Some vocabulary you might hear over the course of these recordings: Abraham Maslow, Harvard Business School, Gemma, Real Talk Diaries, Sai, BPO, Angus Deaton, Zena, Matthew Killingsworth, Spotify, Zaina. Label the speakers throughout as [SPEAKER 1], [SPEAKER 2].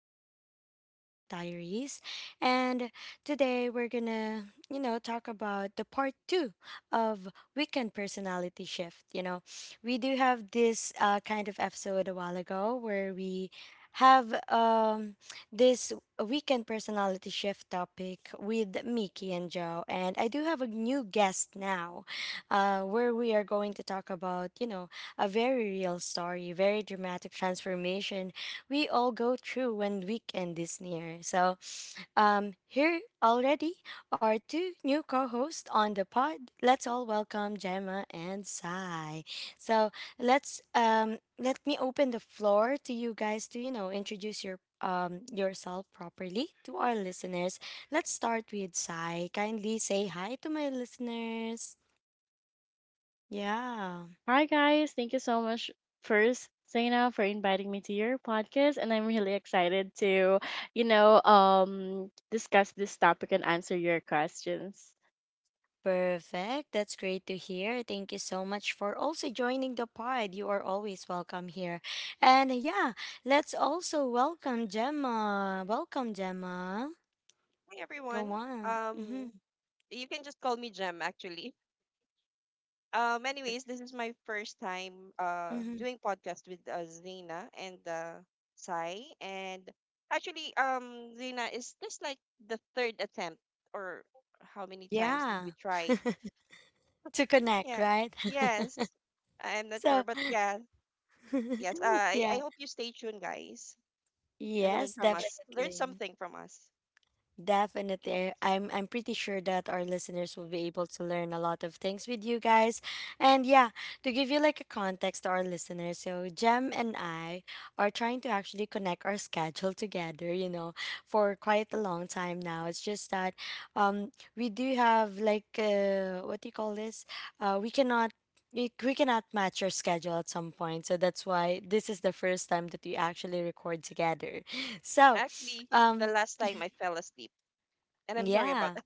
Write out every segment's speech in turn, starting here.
[SPEAKER 1] back to Real Talk Diaries. And today we're gonna, talk about the part two of weekend personality shift. You know, we do have this kind of episode a while ago where we have this weekend personality shift topic with Mickey and Joe, and I do have a new guest now, where we are going to talk about, you know, a very real story, very dramatic transformation we all go through when weekend is near. So, here already are two new co-hosts on the pod. Let's all welcome Gemma and Sai. So let's let me open the floor to you guys to you know introduce your yourself properly to our listeners. Let's start with Sai. Kindly say hi to my listeners. Yeah.
[SPEAKER 2] Hi, guys. Thank you so much, first, Zaina, for inviting me to your podcast. And I'm really excited to, discuss this topic and answer your questions.
[SPEAKER 1] Perfect. That's great to hear. Thank you so much for also joining the pod. You are always welcome here. And yeah, let's also welcome Gemma. Welcome, Gemma.
[SPEAKER 3] Hi everyone.
[SPEAKER 1] Go on.
[SPEAKER 3] Um, you can just call me Jem actually. Anyways, this is my first time
[SPEAKER 1] Hmm
[SPEAKER 3] doing podcast with Zena and Sai, and actually, Zena is this like the third attempt, or how many times did
[SPEAKER 1] Yeah,
[SPEAKER 3] we tried?
[SPEAKER 1] to connect,
[SPEAKER 3] Yeah.
[SPEAKER 1] right?
[SPEAKER 3] Yes. I'm not sure,
[SPEAKER 1] so,
[SPEAKER 3] but yeah, yes. Uh, I I
[SPEAKER 1] yeah.
[SPEAKER 3] hope you stay tuned, guys, and learn
[SPEAKER 1] Yes,
[SPEAKER 3] from us. Learn
[SPEAKER 1] definitely.
[SPEAKER 3] something from us.
[SPEAKER 1] Definitely. I'm pretty sure that our listeners will be able to learn a lot of things with you guys. And yeah, to give you like a context to our listeners, so Jem and I are trying to actually connect our schedule together, you know, for quite a long time now. It's just that we do have like what do you call this? Uh we cannot we cannot match our schedule at some point. So that's why this is the first time that we actually record together. So,
[SPEAKER 3] Actually, the
[SPEAKER 1] um
[SPEAKER 3] last time I fell asleep, and I'm sorry about
[SPEAKER 1] yeah.
[SPEAKER 3] that.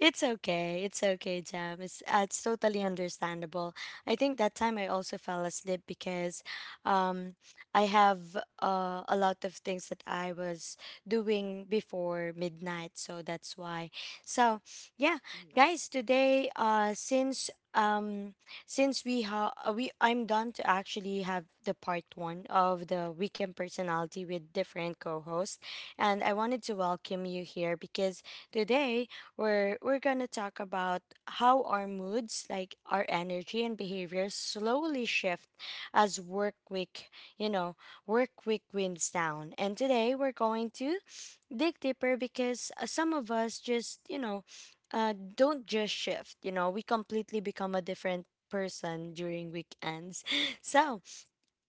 [SPEAKER 1] It's okay. It's okay, Jam. It's totally understandable. I think that time I also fell asleep because um I have a lot of things that I was doing before midnight, so that's why. So, yeah, guys, today since we have we I'm done to actually have the part 1 of the weekend personality with different co-hosts and I wanted to welcome you here because today where we're going to talk about how our moods, like our energy and behaviors, slowly shift as work week, you know, work week winds down. And today we're going to dig deeper because some of us just, you know, don't just shift, you know, we completely become a different person during weekends. So,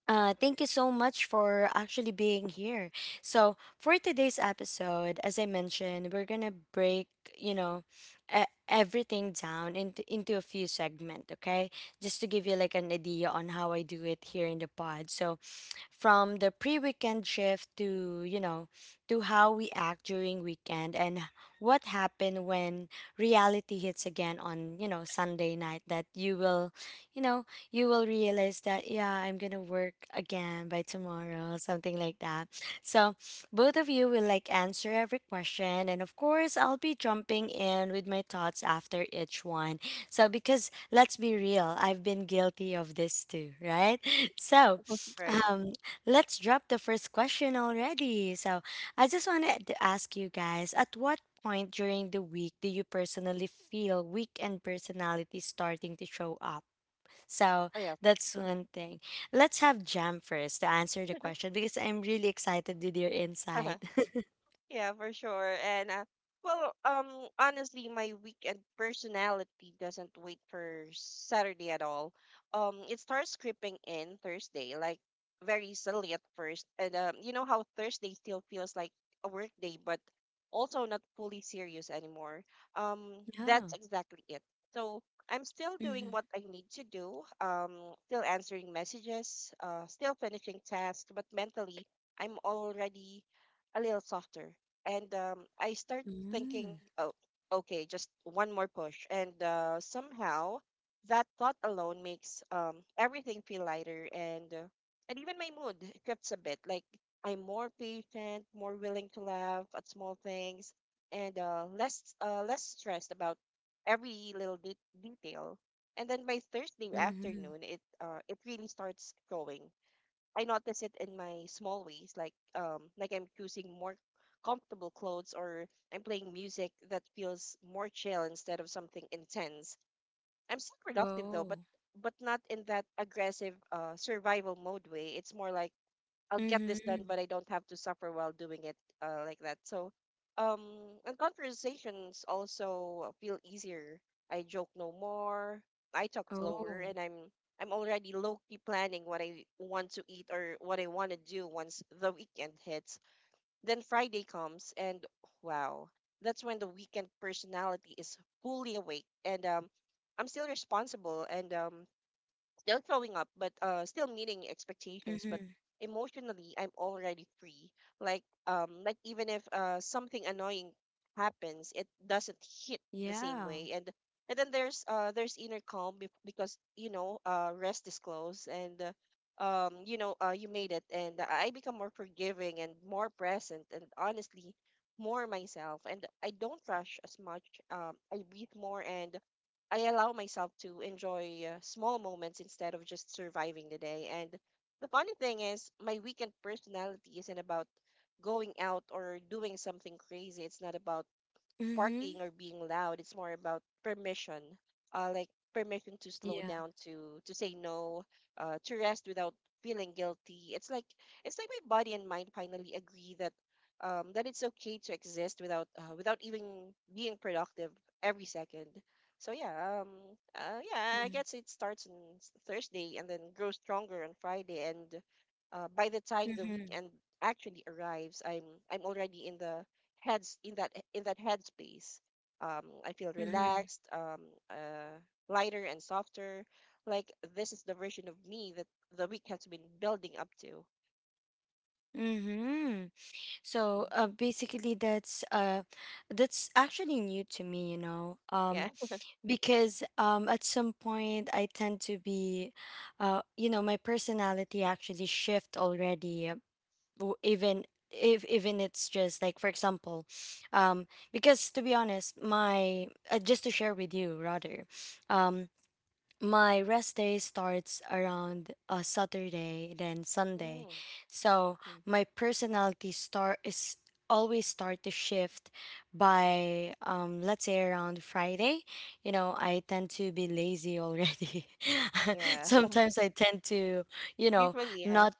[SPEAKER 1] thank you so much for actually being here. So, for today's episode, as I mentioned, we're gonna break, you know, everything down into a few segments, okay? Just to give you like an idea on how I do it here in the pod. So, from the pre-weekend shift to, you know, to how we act during weekend and what happened when reality hits again on, you know, Sunday night that you will, you know, you will realize that yeah, I'm gonna work again by tomorrow, something like that. So both of you will like answer every question, and of course I'll be jumping in with my thoughts after each one. So because let's be real, I've been guilty of this too, right? So
[SPEAKER 3] Right.
[SPEAKER 1] uh, let's drop the first question already. So I just wanted to ask you guys, at what point during the week do you personally feel weekend personality starting to show up? So
[SPEAKER 3] Oh, yeah.
[SPEAKER 1] that's
[SPEAKER 3] Hmm.
[SPEAKER 1] one thing. Let's have Jam first to answer the question because I'm really excited with your insight.
[SPEAKER 3] Yeah, for sure. Honestly, my weekend personality doesn't wait for Saturday at all. It starts creeping in Thursday, like very subtly at first. And You know how Thursday still feels like a work day, but also not fully serious anymore. That's
[SPEAKER 1] Oh.
[SPEAKER 3] exactly it. So I'm still doing
[SPEAKER 1] Mm-hmm.
[SPEAKER 3] what I need to do. Still answering messages. Still finishing tasks, but mentally, I'm already a little softer, and I start thinking,
[SPEAKER 1] Mm-hmm.
[SPEAKER 3] oh, okay, just one more push, and somehow that thought alone makes everything feel lighter, and even my mood shifts a bit. Like I'm more patient, more willing to laugh at small things, and less stressed about every little detail. And then by Thursday
[SPEAKER 1] Mm-hmm.
[SPEAKER 3] afternoon, it really starts going. I notice it in my small ways, like I'm choosing more comfortable clothes or I'm playing music that feels more chill instead of something intense. I'm still productive though, but
[SPEAKER 1] Oh.
[SPEAKER 3] but not in that aggressive survival mode way. It's more like I'll get this done,
[SPEAKER 1] Mm-hmm.
[SPEAKER 3] but I don't have to suffer while doing it like that. So, um, and conversations also feel easier. I joke no more. I talk slower,
[SPEAKER 1] Oh.
[SPEAKER 3] and I'm already low key planning what I want to eat or what I want to do once the weekend hits. Then Friday comes, and wow, that's when the weekend personality is fully awake, and I'm still responsible, and still showing up, but still meeting expectations. But
[SPEAKER 1] Mm-hmm.
[SPEAKER 3] emotionally, I'm already free. Like even if something annoying happens, it doesn't hit the same
[SPEAKER 1] Yeah.
[SPEAKER 3] way. And then there's inner calm because you know rest is close. And. You know, you made it, and I become more forgiving and more present, and honestly, more myself. And I don't rush as much. I breathe more, and I allow myself to enjoy small moments instead of just surviving the day. And the funny thing is, my weekend personality isn't about going out or doing something crazy. It's not about
[SPEAKER 1] Mm-hmm.
[SPEAKER 3] partying or being loud. It's more about permission, like permission to slow
[SPEAKER 1] Yeah.
[SPEAKER 3] down, to say no, to rest without feeling guilty. It's like my body and mind finally agree that that it's okay to exist without without even being productive every second. So um, yeah, I
[SPEAKER 1] Mm-hmm.
[SPEAKER 3] guess it starts on Thursday and then grows stronger on Friday, and by the time the
[SPEAKER 1] Mm-hmm.
[SPEAKER 3] weekend actually arrives, I'm already in the heads in that headspace. I feel
[SPEAKER 1] Mm-hmm.
[SPEAKER 3] relaxed, uh, lighter and softer. Like this is the version of me that the week has been building up to.
[SPEAKER 1] Mm-hmm. So
[SPEAKER 3] Mhm.
[SPEAKER 1] basically that's actually new to me, you know.
[SPEAKER 3] Yeah.
[SPEAKER 1] Because at some point I tend to be, you know, my personality actually shift already. Even if even it's just like, for example, um, because to be honest, my just to share with you rather, um, my rest day starts around Saturday, then Sunday.
[SPEAKER 3] Mm.
[SPEAKER 1] So
[SPEAKER 3] Mm.
[SPEAKER 1] my personality start is always start to shift by let's say around Friday. You know, I tend to be lazy already.
[SPEAKER 3] Yeah.
[SPEAKER 1] Sometimes I tend to, you know,
[SPEAKER 3] Usually, yeah.
[SPEAKER 1] not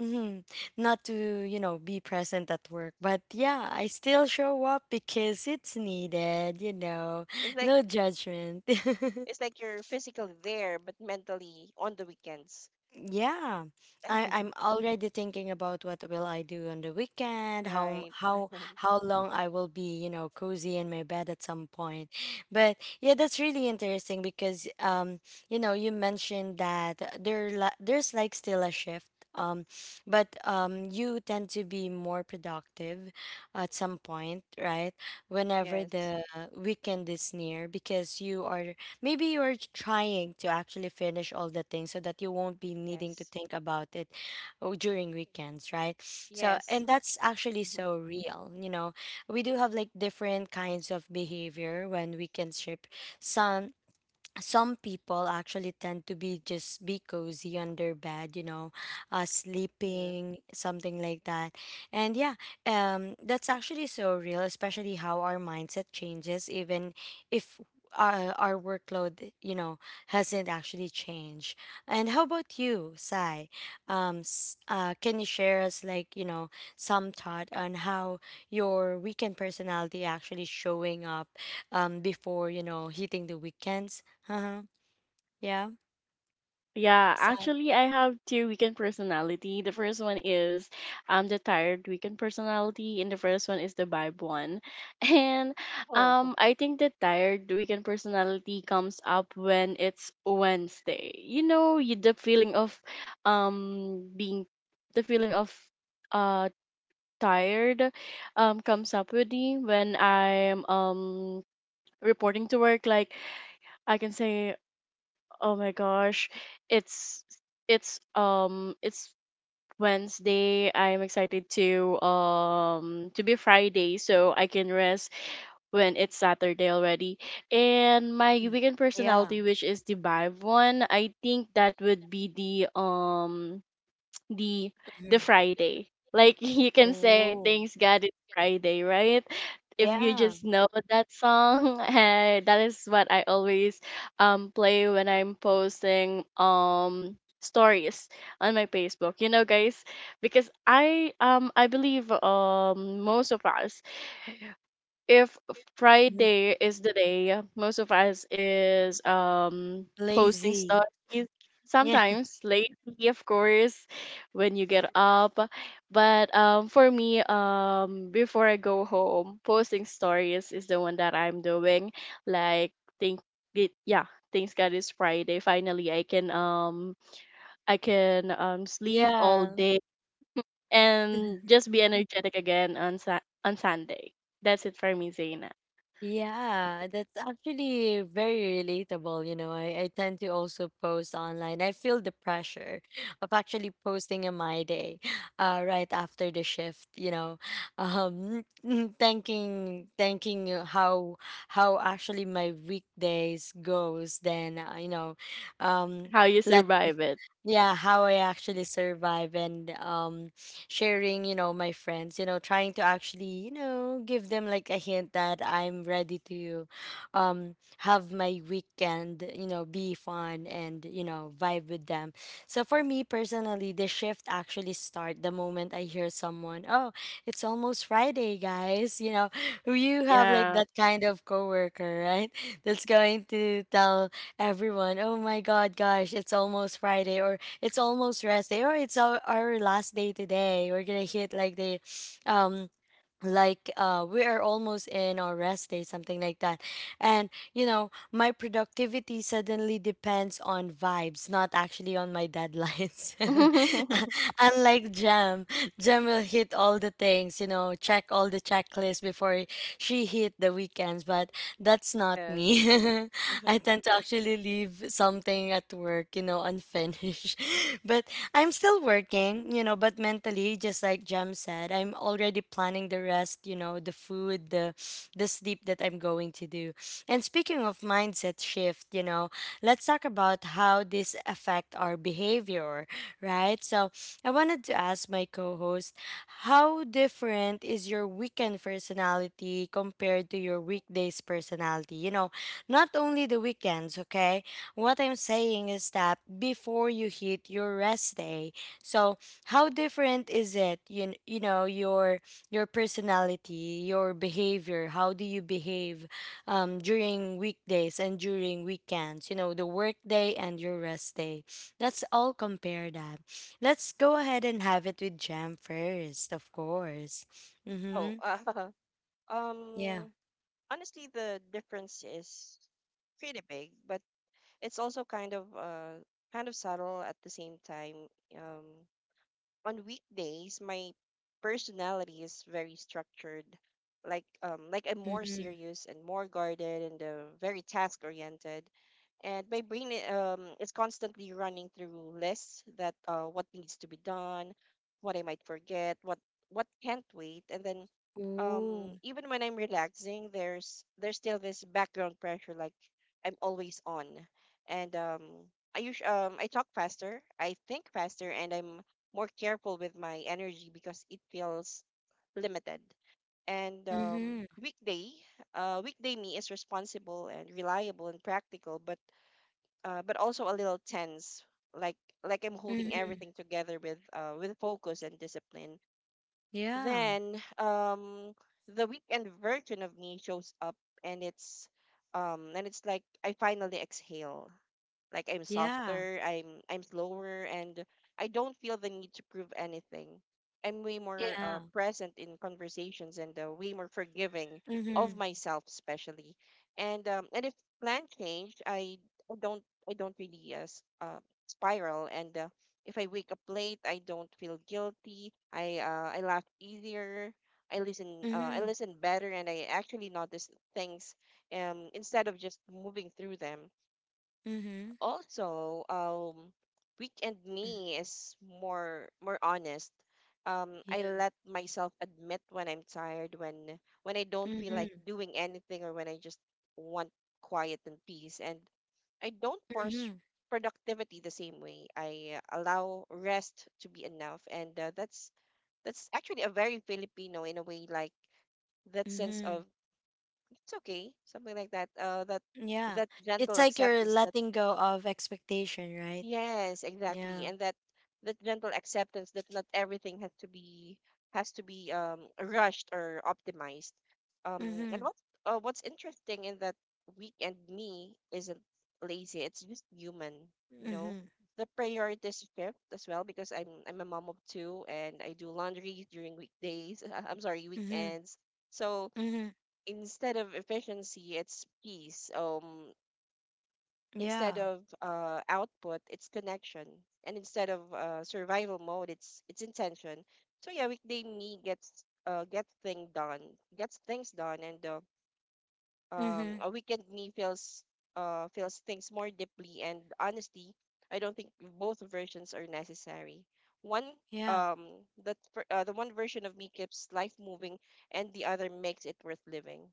[SPEAKER 1] mhm, not to, you know, be present at work. But yeah, I still show up because it's needed, you know.
[SPEAKER 3] It's like
[SPEAKER 1] No judgment.
[SPEAKER 3] it's like you're physically there, but mentally on the weekends.
[SPEAKER 1] Yeah, I'm already thinking about what will I do on the weekend, how m-
[SPEAKER 3] Right.
[SPEAKER 1] how long I will be, you know, cozy in my bed at some point. But yeah, that's really interesting because you know, you mentioned that there's like still a shift. Um, but you tend to be more productive at some point, right? Whenever
[SPEAKER 3] Yes.
[SPEAKER 1] the weekend is near, because you are maybe you're trying to actually finish all the things so that you won't be needing to
[SPEAKER 3] Yes.
[SPEAKER 1] think about it oh, during weekends, right? So,
[SPEAKER 3] Yes.
[SPEAKER 1] and that's actually
[SPEAKER 3] Mhm.
[SPEAKER 1] so real. You know, we do have like different kinds of behavior when weekends ship. Some some people actually tend to be just be cozy on their bed, you know,
[SPEAKER 3] Yeah.
[SPEAKER 1] sleeping, something like that. And yeah, that's actually so real, especially how our mindset changes even if our workload, you know, hasn't actually changed. And how about you, Sai? Um, can you share us like, you know, some thought on how your weekend personality actually showing up before, you know, hitting the weekends? Uh-huh. Yeah.
[SPEAKER 2] Yeah,
[SPEAKER 1] Sad.
[SPEAKER 2] actually, I have two weekend personality. The first one is the tired weekend personality, and the first one is the vibe one. And
[SPEAKER 3] Oh,
[SPEAKER 2] I think the tired weekend personality comes up when it's Wednesday. The feeling of being the feeling of uh tired comes up with me when I'm reporting to work. Like I can say, oh my gosh. It's it's Wednesday. I'm excited to be Friday so I can rest when it's Saturday already. And my
[SPEAKER 1] Mm.
[SPEAKER 2] weekend
[SPEAKER 1] Yeah.
[SPEAKER 2] personality, which is the vibe one, I think that would be the the
[SPEAKER 1] hmm
[SPEAKER 2] Friday. Like you can say
[SPEAKER 1] Oh.
[SPEAKER 2] thanks God it's Friday, right? If you
[SPEAKER 1] Yeah.
[SPEAKER 2] just know that song, that is what I always play when I'm posting stories on my Facebook. You know, guys, because I believe most of us, if
[SPEAKER 1] Mhm.
[SPEAKER 2] Friday is the day, most of us is posting
[SPEAKER 1] Lazy.
[SPEAKER 2] stories.
[SPEAKER 1] Yeah.
[SPEAKER 2] Sometimes lately, of course, when you get up. But for me, before I go home, posting stories is the one that I'm doing. Like think it, yeah, thanks God it's Friday. Finally I can sleep all
[SPEAKER 1] Yeah.
[SPEAKER 2] day and just be energetic again on Sunday. That's it for me, Zaina.
[SPEAKER 1] Yeah. That's actually very relatable. You know, I tend to also post online. I feel the pressure of actually posting in my day, right after the shift, you know. Um thanking you how actually my weekdays goes, then you know, um
[SPEAKER 2] How you
[SPEAKER 1] let
[SPEAKER 2] survive it.
[SPEAKER 1] yeah, how I actually survive, and sharing, you know, my friends, you know, trying to actually, you know, give them like a hint that I'm ready to have my weekend, you know, be fun and, you know, vibe with them. So for me personally, the shift actually start the moment I hear someone, oh, it's almost Friday, guys, you know. You have like
[SPEAKER 2] Yeah.
[SPEAKER 1] that kind of coworker, right? That's going to tell everyone, oh my god, gosh, it's almost Friday, or it's almost rest day, or it's our last day today. We're gonna hit like the um we are almost in our rest day, something like that. And you know, my productivity suddenly depends on vibes, not actually on my deadlines. Unlike Jam, Jam will hit all the things, you know, check all the checklists before she hit the weekends. But that's not me.
[SPEAKER 3] yes.
[SPEAKER 1] I tend to actually leave something at work, you know, unfinished. But I'm still working, you know, but mentally, just like Jam said, I'm already planning the rest, you know, the food, the sleep that I'm going to do. And speaking of mindset shift, you know, let's talk about how this affect our behavior, right? So I wanted to ask my co-host, how different is your weekend personality compared to your weekdays personality? You know, not only the weekends, okay? What I'm saying is that before you hit your rest day. So how different is it? You know your personality, your behavior. How do you behave during weekdays and during weekends? You know, the work day and your rest day. Let's all compare that. Let's go ahead and have it with Jam first, of course.
[SPEAKER 3] Oh,
[SPEAKER 1] Mm-hmm. Yeah.
[SPEAKER 3] um, honestly the difference is pretty big, but it's also kind of subtle at the same time. Um, on weekdays my personality is very structured, like I'm more
[SPEAKER 1] Mm-hmm.
[SPEAKER 3] serious and more guarded and very task oriented, and my brain is constantly running through lists that what needs to be done, what I might forget, what can't wait. And then um
[SPEAKER 1] Ooh.
[SPEAKER 3] Even when I'm relaxing, there's still this background pressure, like I'm always on. And um i usually um i talk faster, I think faster, and I'm more careful with my energy because it feels limited. And um,
[SPEAKER 1] Mm-hmm.
[SPEAKER 3] weekday, Weekday me is responsible and reliable and practical, but also a little tense, like like I'm holding
[SPEAKER 1] Mm-hmm.
[SPEAKER 3] everything together with focus and discipline.
[SPEAKER 1] Yeah.
[SPEAKER 3] Then the weekend version of me shows up, and it's and it's like I finally exhale. Like I'm
[SPEAKER 1] Yeah.
[SPEAKER 3] softer, I'm slower, and I don't feel the need to prove anything. I'm way more
[SPEAKER 1] Yeah.
[SPEAKER 3] present in conversations and way more forgiving of
[SPEAKER 1] Mhm.
[SPEAKER 3] myself especially. And if plan changed, I don't I don't really spiral, and if I wake up late, I don't feel guilty. I laugh easier. I
[SPEAKER 1] Mhm.
[SPEAKER 3] listen better and I actually notice things instead of just moving through them.
[SPEAKER 1] Mhm.
[SPEAKER 3] Also, weekend me is more honest. I
[SPEAKER 1] Yeah.
[SPEAKER 3] let myself admit when I'm tired, when I don't feel like
[SPEAKER 1] Mhm.
[SPEAKER 3] doing anything, or when I just want quiet and peace, and I don't force
[SPEAKER 1] Mhm.
[SPEAKER 3] productivity the same way. I allow rest to be enough, and that's actually a very Filipino in a way, like that sense
[SPEAKER 1] Mhm.
[SPEAKER 3] of it's okay, something like that,
[SPEAKER 1] Yeah.
[SPEAKER 3] that
[SPEAKER 1] It's
[SPEAKER 3] gentle
[SPEAKER 1] like you're
[SPEAKER 3] acceptance that—
[SPEAKER 1] letting go of expectation, right?
[SPEAKER 3] Yes, exactly.
[SPEAKER 1] Yeah.
[SPEAKER 3] And that that gentle acceptance that not everything has to be rushed or optimized. And
[SPEAKER 1] Mhm.
[SPEAKER 3] what What's interesting in that weekend me isn't lazy, it's just human, you know.
[SPEAKER 1] Mhm.
[SPEAKER 3] The priorities shift as well because I'm a mom of two and I do laundry during weekdays. I'm sorry,
[SPEAKER 1] Mhm.
[SPEAKER 3] weekends. So
[SPEAKER 1] Mhm.
[SPEAKER 3] instead of efficiency, it's peace. Instead
[SPEAKER 1] Yeah.
[SPEAKER 3] of output, it's connection, and instead of survival mode, it's intention. So yeah, weekday me gets things done, and
[SPEAKER 1] Mhm.
[SPEAKER 3] a weekend me feels things more deeply, and honestly, I don't think both versions are necessary. one
[SPEAKER 1] Yeah.
[SPEAKER 3] um that for, uh, the one version of me keeps life moving, and the other makes it worth living.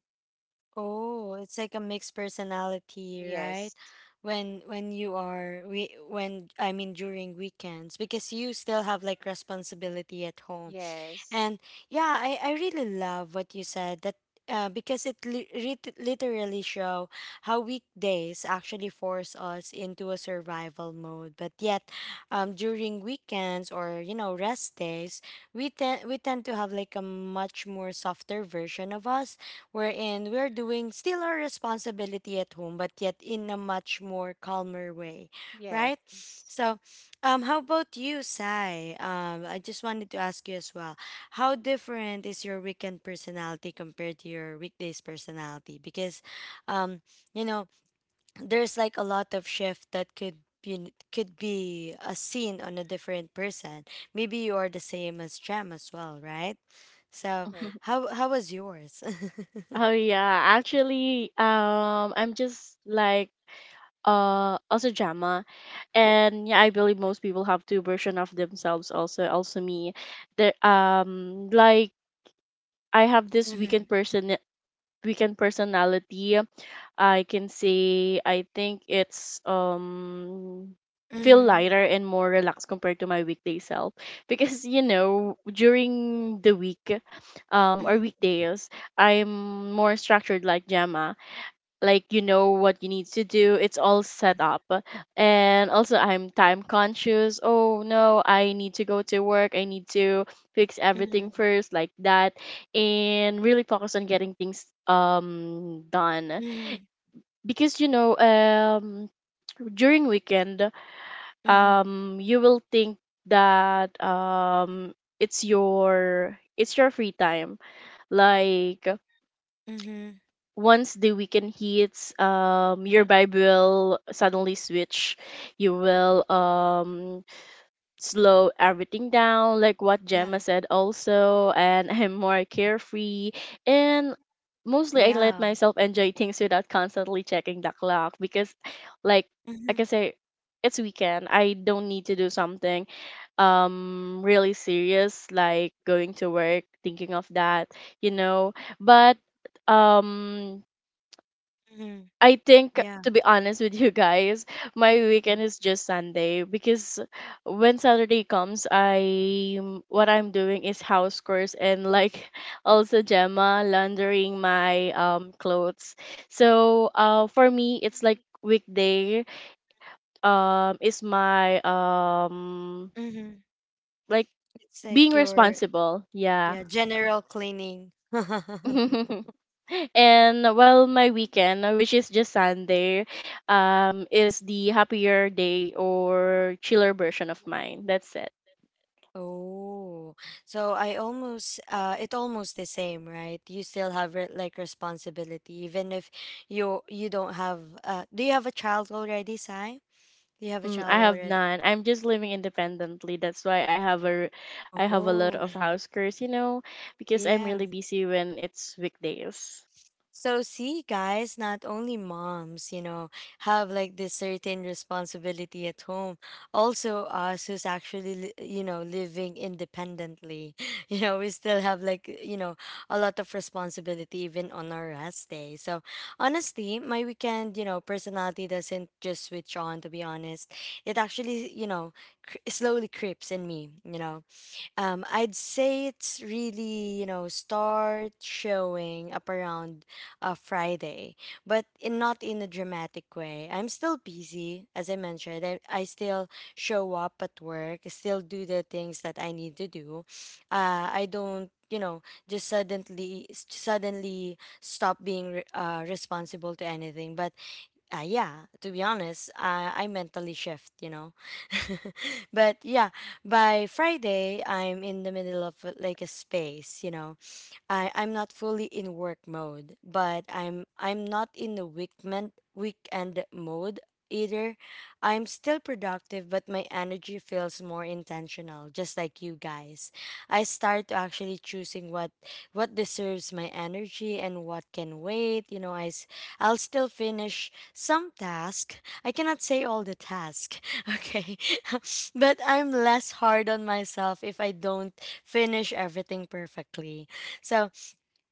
[SPEAKER 1] Oh, it's like a mixed personality, right?
[SPEAKER 3] Yes.
[SPEAKER 1] When you are we when I mean during weekends, because you still have like responsibility at home.
[SPEAKER 3] Yes.
[SPEAKER 1] And yeah, I really love what you said that because literally show how weekdays actually force us into a survival mode. But yet, during weekends, or you know, rest days, we tend to have like a much more softer version of us, wherein we're doing still our responsibility at home, but yet in a much more calmer way, right?
[SPEAKER 3] Yes.
[SPEAKER 1] So, how about you, Sai? I just wanted to ask you as well how different is your weekend personality compared to your weekdays personality? Because, um, you know, there's like a lot of shift that could be a seen on a different person. Maybe you are the same as Jam as well, right? So
[SPEAKER 3] Right.
[SPEAKER 1] how was yours?
[SPEAKER 2] Oh yeah, actually, I'm just like also drama, and yeah, I believe most people have two version of themselves. Also me, there like I have this
[SPEAKER 1] Mm-hmm.
[SPEAKER 2] weekend personality. I can say I think it's feel
[SPEAKER 1] Mm-hmm.
[SPEAKER 2] lighter and more relaxed compared to my weekday self. Because you know during the week or weekdays, I'm more structured like Gemma. Like you know what you need to do, it's all set up, and also I'm time conscious. Oh no, I need to go to work, I need to fix everything
[SPEAKER 1] Mm-hmm.
[SPEAKER 2] first, like that, and really focus on getting things done.
[SPEAKER 1] Mm-hmm.
[SPEAKER 2] Because you know during weekend
[SPEAKER 1] Mm-hmm.
[SPEAKER 2] you will think that it's your free time. Like
[SPEAKER 1] Mm-hmm.
[SPEAKER 2] once the weekend hits, your vibe will suddenly switch. You will slow everything down, like what
[SPEAKER 1] Yeah.
[SPEAKER 2] Gemma said also, and I'm more carefree. And mostly I let
[SPEAKER 1] Yeah.
[SPEAKER 2] myself enjoy things without constantly checking the clock. Because like like I
[SPEAKER 1] Mm-hmm.
[SPEAKER 2] can say, it's weekend. I don't need to do something really serious like going to work, thinking of that, you know. But um
[SPEAKER 1] Mm-hmm.
[SPEAKER 2] I think,
[SPEAKER 1] Yeah.
[SPEAKER 2] to be honest with you guys, my
[SPEAKER 1] Mm-hmm.
[SPEAKER 2] weekend is just Sunday. Because when Saturday comes, I what I'm doing is house chores, and like also Gemma laundering my clothes. So for me, it's like weekday is my
[SPEAKER 1] Mm-hmm.
[SPEAKER 2] like
[SPEAKER 1] It's
[SPEAKER 2] being
[SPEAKER 1] like your
[SPEAKER 2] responsible. Yeah.
[SPEAKER 1] Yeah, general cleaning.
[SPEAKER 2] And well, my weekend, which is just Sunday, is the happier day or chiller version of mine. That's it.
[SPEAKER 1] Oh, so I almost it almost the same, right? You still have re like responsibility even if you don't have do you have a child already, Sai? Do you have a
[SPEAKER 2] Mm. I
[SPEAKER 1] child
[SPEAKER 2] have
[SPEAKER 1] already?
[SPEAKER 2] none, I'm just living independently, that's why I have a lot of
[SPEAKER 1] Oh,
[SPEAKER 2] house chores, you know, because I'm
[SPEAKER 1] yeah.
[SPEAKER 2] really busy when it's weekdays.
[SPEAKER 1] So see guys, not only moms, have like this certain responsibility at home. Also us who's you know, living independently. You know, we still have like, you know, a lot of responsibility even on our rest day. So honestly, my weekend, you know, personality doesn't just switch on, to be honest. It actually, you know, slowly creeps in me, you know. I'd say it's really, you know, start showing up around Friday, but in, not in a dramatic way. I'm still busy, as I mentioned. I still show up at work, still do the things that I need to do. I don't, you know, just suddenly stop being responsible to anything. But yeah, to be honest, I mentally shift, you know. But yeah, by Friday, I'm in the middle of like a space, you know. I'm not fully in work mode, but I'm not in the weekend mode either. I'm still productive, but my energy feels more intentional, just like you guys. I start to actually choosing what deserves my energy and what can wait. I'll still finish some task. I cannot say all the task, okay, but I'm less hard on myself if I don't finish everything perfectly. So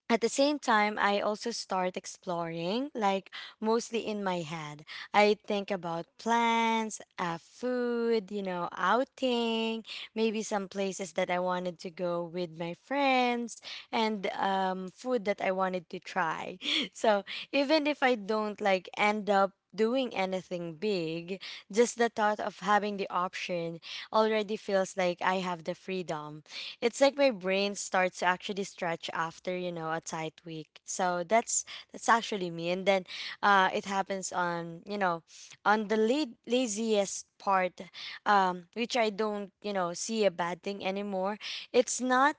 [SPEAKER 1] at the same time, I also start exploring, like, mostly in my head. I think about plans, food, you know, outing, maybe some places that I wanted to go with my friends, and food that I wanted to try. So even if I don't, like, end up doing anything big, just the thought of having the option already feels like I have the freedom. It's like my brain starts to actually stretch after, you know, a tight week. So that's actually me. And then it happens on, you know, on the laziest part, which I don't, you know, see a bad thing anymore. It's not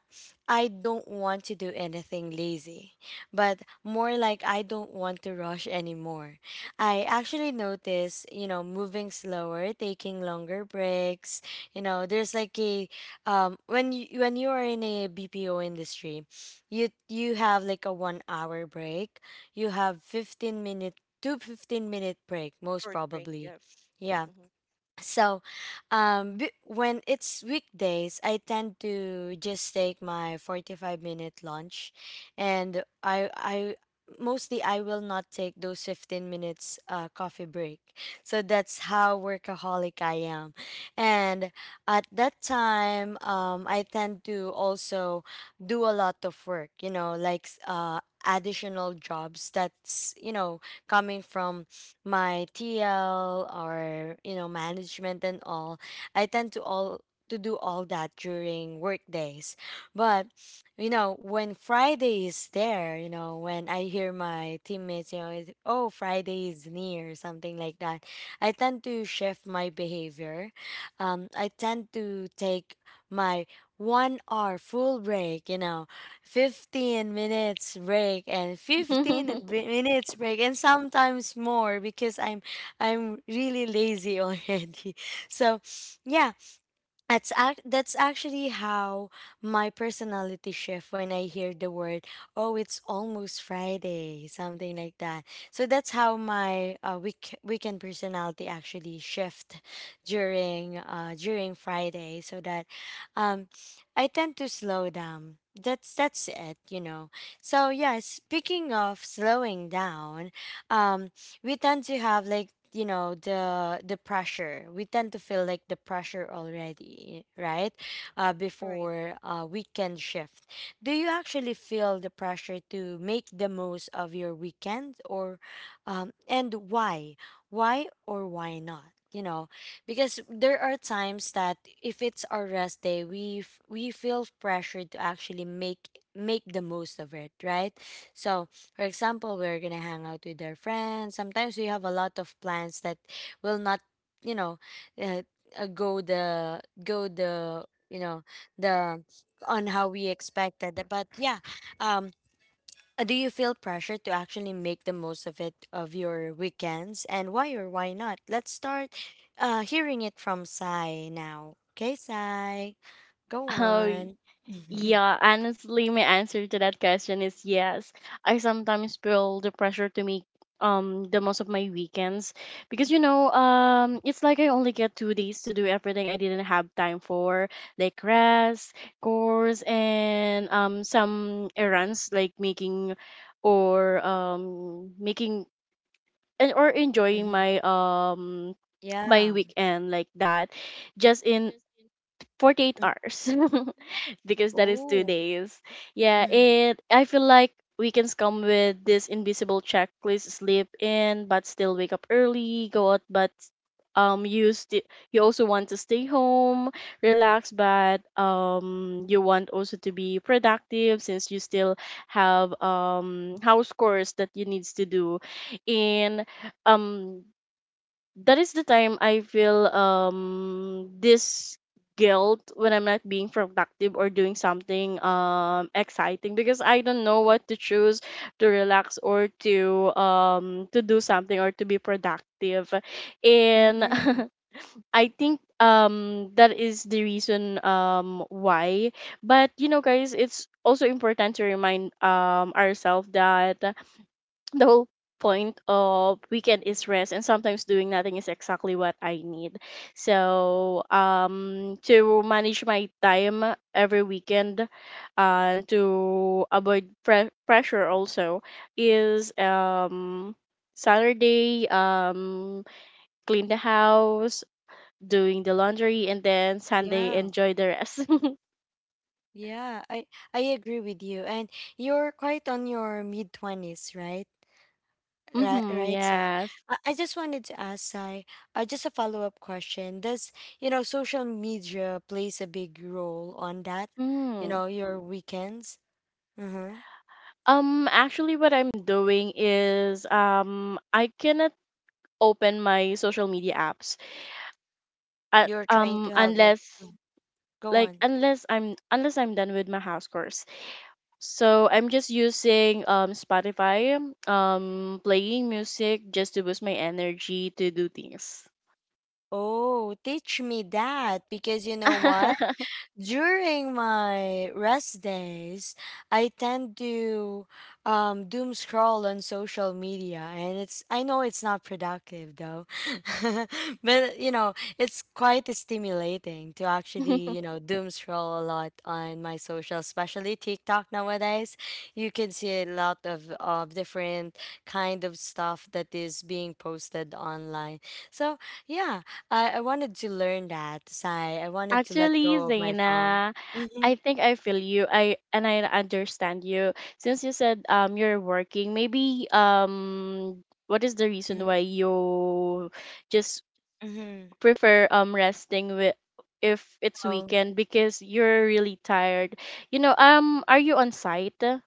[SPEAKER 1] I don't want to do anything lazy, but more like I don't want to rush anymore. I actually notice, you know, moving slower, taking longer breaks. You know, there's like a when you are in a BPO industry, you have like a 1 hour break. You have 15 minute to 15 minute break most
[SPEAKER 3] Short break. Yeah.
[SPEAKER 1] probably. Yeah.
[SPEAKER 3] Mm-hmm.
[SPEAKER 1] So, when it's weekdays, I tend to just take my 45 minute lunch, and I mostly I will not take those 15 minutes coffee break. So that's how workaholic I am, and at that time, I tend to also do a lot of work. You know, like additional jobs that's, you know, coming from my TL or, you know, management and all, I tend to all to do all that during work days. But you know when Friday is there, you know, when I hear my teammates, you know, is, oh Friday is near, something like that. I tend to shift my behavior. I tend to take my 1 hour full break. You know, 15 minutes break and 15 b- minutes break and sometimes more because I'm really lazy already. So, yeah, that's that's actually how my personality shift when I hear the word, oh it's almost Friday, something like that. So that's how my weekend personality actually shift during during Friday. So that um I tend to slow down. That's it, you know. So yeah, speaking of slowing down, um we tend to have like, you know, the pressure, we tend to feel like the pressure already, right,
[SPEAKER 3] Right.
[SPEAKER 1] before weekend shift. Do you actually feel the pressure to make the most of your weekend? Or and why or why not, you know? Because there are times that if it's our rest day, we feel pressured to actually make make the most of it, right? So for example, we're gonna hang out with our friends. Sometimes we have a lot of plans that will not, you know, uh, go the you know the on how we expected. But yeah, um, do you feel pressure to actually make the most of it, of your weekends, and why or why not? Let's start hearing it from Sai now. Okay, Sai, go
[SPEAKER 2] How.
[SPEAKER 1] on.
[SPEAKER 2] Yeah, honestly, my answer to that question is yes. I sometimes feel the pressure to make the most of my weekends because you know it's like I only get 2 days to do everything I didn't have time for, like rest, chores, and some errands, like making or making and or enjoying
[SPEAKER 1] Mhm.
[SPEAKER 2] my my
[SPEAKER 1] Yeah.
[SPEAKER 2] weekend, like that, just in 48 hours. Because that is two
[SPEAKER 1] Oh.
[SPEAKER 2] days. Yeah, and I feel like weekends come with this invisible checklist: sleep in, but still wake up early, go out, but you also want to stay home, relax, but you want also to be productive since you still have house chores that you needs to do, and um that is the time I feel this guilt when I'm not being productive or doing something exciting, because I don't know what to choose, to relax or to do something or to be productive. And
[SPEAKER 1] Mm-hmm.
[SPEAKER 2] I think that is the reason why. But you know guys, it's also important to remind ourselves that the whole point of weekend is rest, and sometimes doing nothing is exactly what I need. So to manage my time every weekend and to avoid pressure also is Saturday, clean the house, doing the laundry, and then Sunday
[SPEAKER 1] Yeah,
[SPEAKER 2] enjoy the rest.
[SPEAKER 1] yeah, I agree with you. And you're quite on your mid twenties, right? Right,
[SPEAKER 2] Mm-hmm,
[SPEAKER 1] right, Sai.
[SPEAKER 2] yes.
[SPEAKER 1] I just wanted to ask Sai, just a follow up question. Does, you know, social media plays a big role on that? You
[SPEAKER 2] Mm.
[SPEAKER 1] know, your weekends? Mm-hmm.
[SPEAKER 2] Actually, what I'm doing is, I cannot open my social media apps.
[SPEAKER 1] You're trying to have like,
[SPEAKER 2] Unless
[SPEAKER 1] mm, go on.
[SPEAKER 2] unless I'm done with my house chores. So I'm just using Spotify, playing music just to boost my energy to do things.
[SPEAKER 1] Oh, teach me that because you know what? During my rest days, I tend to doom scroll on social media, and it's I know it's not productive though, but you know it's quite stimulating to actually, you know, doom scroll a lot on my social, especially TikTok nowadays. You can see a lot of different kind of stuff that is being posted online. So yeah, I wanted to learn that, Sai. I wanted to let
[SPEAKER 2] Actually,
[SPEAKER 1] go of my phone.
[SPEAKER 2] Zaina,
[SPEAKER 1] Mm-hmm.
[SPEAKER 2] I think I feel you. I understand you. Since you said you're working, maybe what is the reason why
[SPEAKER 1] Mm-hmm.
[SPEAKER 2] you just
[SPEAKER 1] Mm-hmm.
[SPEAKER 2] prefer resting with if it's
[SPEAKER 1] Oh.
[SPEAKER 2] weekend, because you're really tired. You know, are you on site?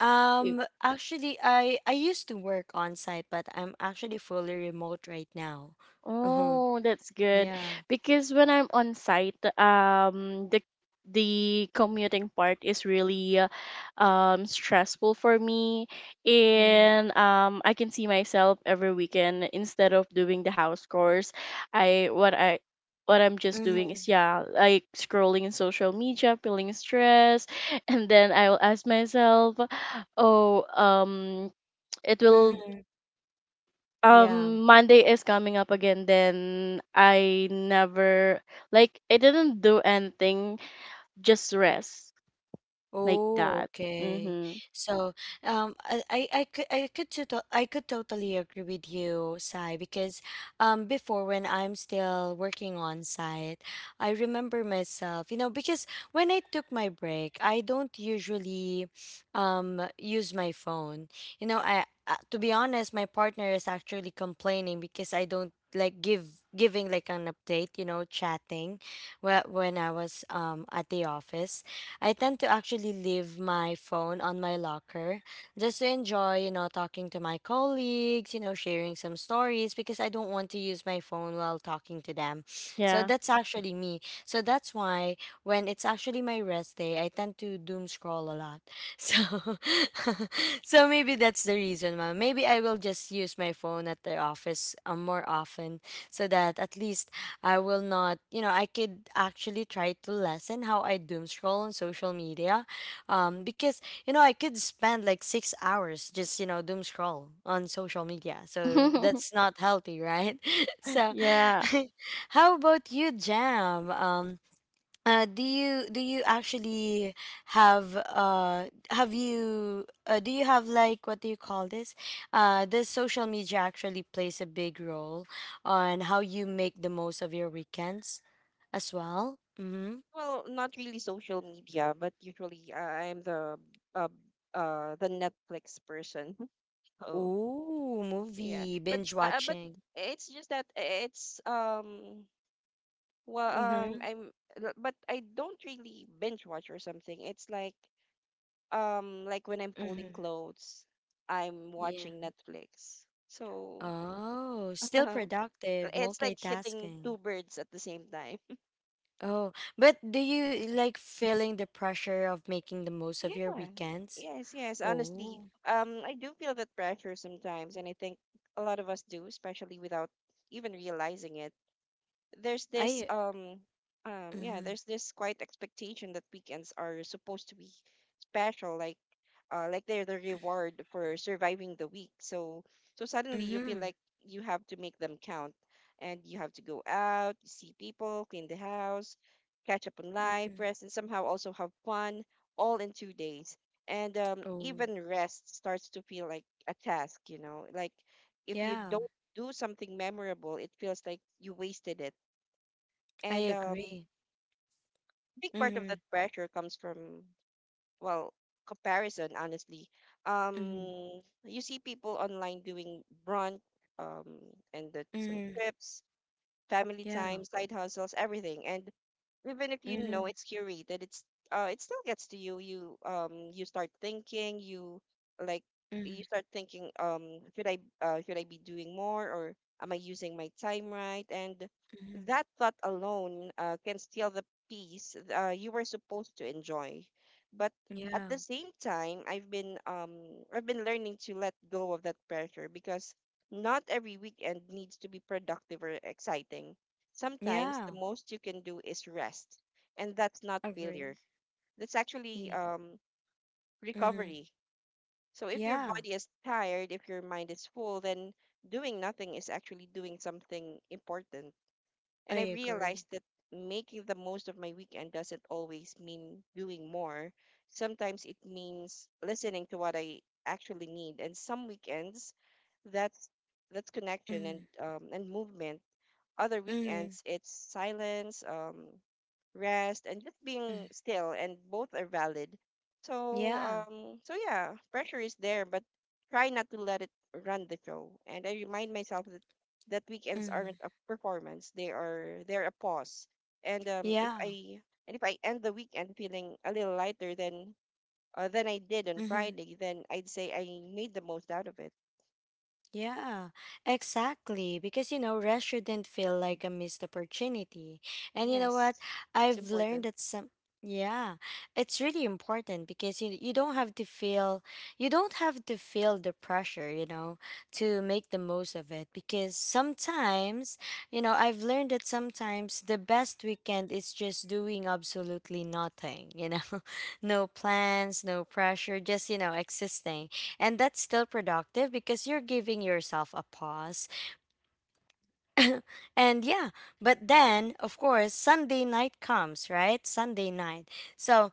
[SPEAKER 1] Actually, I used to work on site, but I'm actually fully remote right now. Uh-huh.
[SPEAKER 2] Oh, that's good.
[SPEAKER 1] Yeah.
[SPEAKER 2] Because when I'm on site, the commuting part is really stressful for me,
[SPEAKER 1] Mm-hmm.
[SPEAKER 2] and I can see myself every weekend instead of doing the house chores, I what I'm just doing
[SPEAKER 1] Mm-hmm.
[SPEAKER 2] is yeah, like scrolling in social media, feeling stress, and then I will ask myself, oh, it will
[SPEAKER 1] Mm-hmm. Yeah.
[SPEAKER 2] Monday is coming up again, then I never, like I didn't do anything, just rest, like
[SPEAKER 1] Oh,
[SPEAKER 2] that.
[SPEAKER 1] okay.
[SPEAKER 2] Mhm.
[SPEAKER 1] So, I could totally agree with you, Sai, because, before, when I'm still working on site, I remember myself, you know, because when I took my break, I don't usually, use my phone. You know, to be honest, my partner is actually complaining because I don't like give giving like an update, you know, chatting, when I was at the office. I tend to actually leave my phone on my locker just to enjoy, you know, talking to my colleagues, you know, sharing some stories because I don't want to use my phone while talking to them. So
[SPEAKER 2] Yeah.
[SPEAKER 1] that's actually me. So that's why when it's actually my rest day, I tend to doom scroll a lot. So so maybe that's the reason, ma'am. Maybe I will just use my phone at the office more often so that at least I will not, you know, I could actually try to lessen how I doom scroll on social media. Because, you know, I could spend like 6 hours just, you know, doom scroll on social media. So that's not healthy, right? So
[SPEAKER 2] Yeah,
[SPEAKER 1] how about you, Jam? Do you actually have you do you have like what do you call this? Does social media actually plays a big role on how you make the most of your weekends as well? Mm-hmm.
[SPEAKER 3] Well, not really social media, but usually I'm uh, the Netflix person. Oh,
[SPEAKER 1] Ooh,
[SPEAKER 3] yeah.
[SPEAKER 1] movie binge
[SPEAKER 3] But
[SPEAKER 1] watching.
[SPEAKER 3] it's just that it's well
[SPEAKER 1] Mm-hmm.
[SPEAKER 3] I'm but I don't really binge watch or something. It's like when I'm folding
[SPEAKER 1] Mm-hmm.
[SPEAKER 3] clothes, I'm
[SPEAKER 1] Yeah.
[SPEAKER 3] watching Netflix. So
[SPEAKER 1] Oh, still productive,
[SPEAKER 3] it's like hitting
[SPEAKER 1] multitasking.
[SPEAKER 3] two birds at the same time.
[SPEAKER 1] Oh, but do you like feeling the pressure of making the most of your
[SPEAKER 3] Yeah.
[SPEAKER 1] weekends?
[SPEAKER 3] Yes, yes, honestly.
[SPEAKER 1] Oh.
[SPEAKER 3] I do feel that pressure sometimes, and I think a lot of us do, especially without even realizing it. There's
[SPEAKER 1] I
[SPEAKER 3] this Yeah,
[SPEAKER 1] mhm
[SPEAKER 3] there's this quite expectation that weekends are supposed to be special, like they're the reward for surviving the week. So so suddenly you feel
[SPEAKER 1] mhm
[SPEAKER 3] like you have to make them count, and you have to go out, see people, clean the house, catch up on life,
[SPEAKER 1] mhm
[SPEAKER 3] rest, and somehow also have fun, all in two days. And
[SPEAKER 1] oh
[SPEAKER 3] even rest starts to feel like a task, you know. Like if you
[SPEAKER 1] yeah
[SPEAKER 3] don't do something memorable, it feels like you wasted it.
[SPEAKER 1] I
[SPEAKER 3] And
[SPEAKER 1] agree
[SPEAKER 3] big part of
[SPEAKER 1] mhm
[SPEAKER 3] that pressure comes from, well, comparison, honestly.
[SPEAKER 1] mhm
[SPEAKER 3] You see people online doing brunch, um, and that some
[SPEAKER 1] mhm
[SPEAKER 3] trips, family
[SPEAKER 1] yeah
[SPEAKER 3] time, side hustles, everything. And even if you know
[SPEAKER 1] mhm
[SPEAKER 3] it's curated, it's it still gets to you. You you start thinking, you like You
[SPEAKER 1] mhm
[SPEAKER 3] start thinking, should I be doing more, or am I using my time right? And
[SPEAKER 1] mhm
[SPEAKER 3] that thought alone can steal the peace you were supposed to enjoy. But at
[SPEAKER 1] yeah
[SPEAKER 3] the same time, I've been learning to let go of that pressure, because not every weekend needs to be productive or exciting. Sometimes the
[SPEAKER 1] yeah
[SPEAKER 3] most you can do is rest, and that's not failure.
[SPEAKER 1] agree
[SPEAKER 3] That's actually
[SPEAKER 1] yeah mhm
[SPEAKER 3] recovery. So if your
[SPEAKER 1] yeah
[SPEAKER 3] body is tired, if your mind is full, then doing nothing is actually doing something important. And
[SPEAKER 1] I
[SPEAKER 3] I
[SPEAKER 1] agree
[SPEAKER 3] realized that making the most of my weekend doesn't always mean doing more. Sometimes it means listening to what I actually need. And some weekends, that's that's connection
[SPEAKER 1] mhm
[SPEAKER 3] and movement. Other
[SPEAKER 1] mhm
[SPEAKER 3] weekends, it's silence, rest, and just being
[SPEAKER 1] mm.
[SPEAKER 3] still, and both are valid. So,
[SPEAKER 1] Yeah
[SPEAKER 3] um, so yeah, pressure is there, but try not to let it run the show. And I remind myself that weekends
[SPEAKER 1] mhm
[SPEAKER 3] aren't a performance; they're a pause. And um, if
[SPEAKER 1] yeah
[SPEAKER 3] I and if I end the weekend feeling a little lighter than I did on
[SPEAKER 1] mhm.
[SPEAKER 3] Friday, then I'd say I made the most out of it.
[SPEAKER 1] Yeah, exactly. Because, you know, rest shouldn't feel like a missed opportunity. And you know what?
[SPEAKER 3] Yes, it's
[SPEAKER 1] I've learned
[SPEAKER 3] important.
[SPEAKER 1] that some, yeah, it's really important because you don't have to feel you don't have to feel the pressure, you know, to make the most of it. Because sometimes, you know, I've learned that sometimes the best weekend is just doing absolutely nothing, you know, no plans, no pressure, just, you know, existing, and that's still productive because you're giving yourself a pause. And yeah, but then of course Sunday night comes, right? Sunday night. So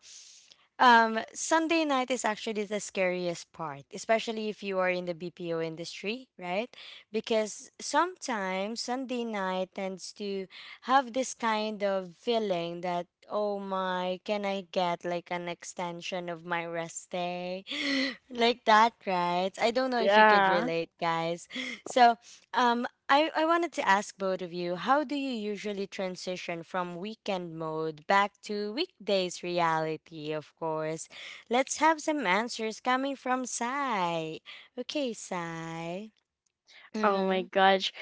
[SPEAKER 1] Sunday night is actually the scariest part, especially if you are in the BPO industry, right? Because sometimes Sunday night tends to have this kind of feeling that, oh my, can I get like an extension of my rest day? Like that, right? I don't know if you could
[SPEAKER 2] yeah.
[SPEAKER 1] relate, guys. So, um, I wanted to ask both of you, how do you usually transition from weekend mode back to weekdays reality, of course? Let's have some answers coming from Sai. Okay, Sai.
[SPEAKER 2] Oh my
[SPEAKER 1] Mm-hmm.
[SPEAKER 2] gosh.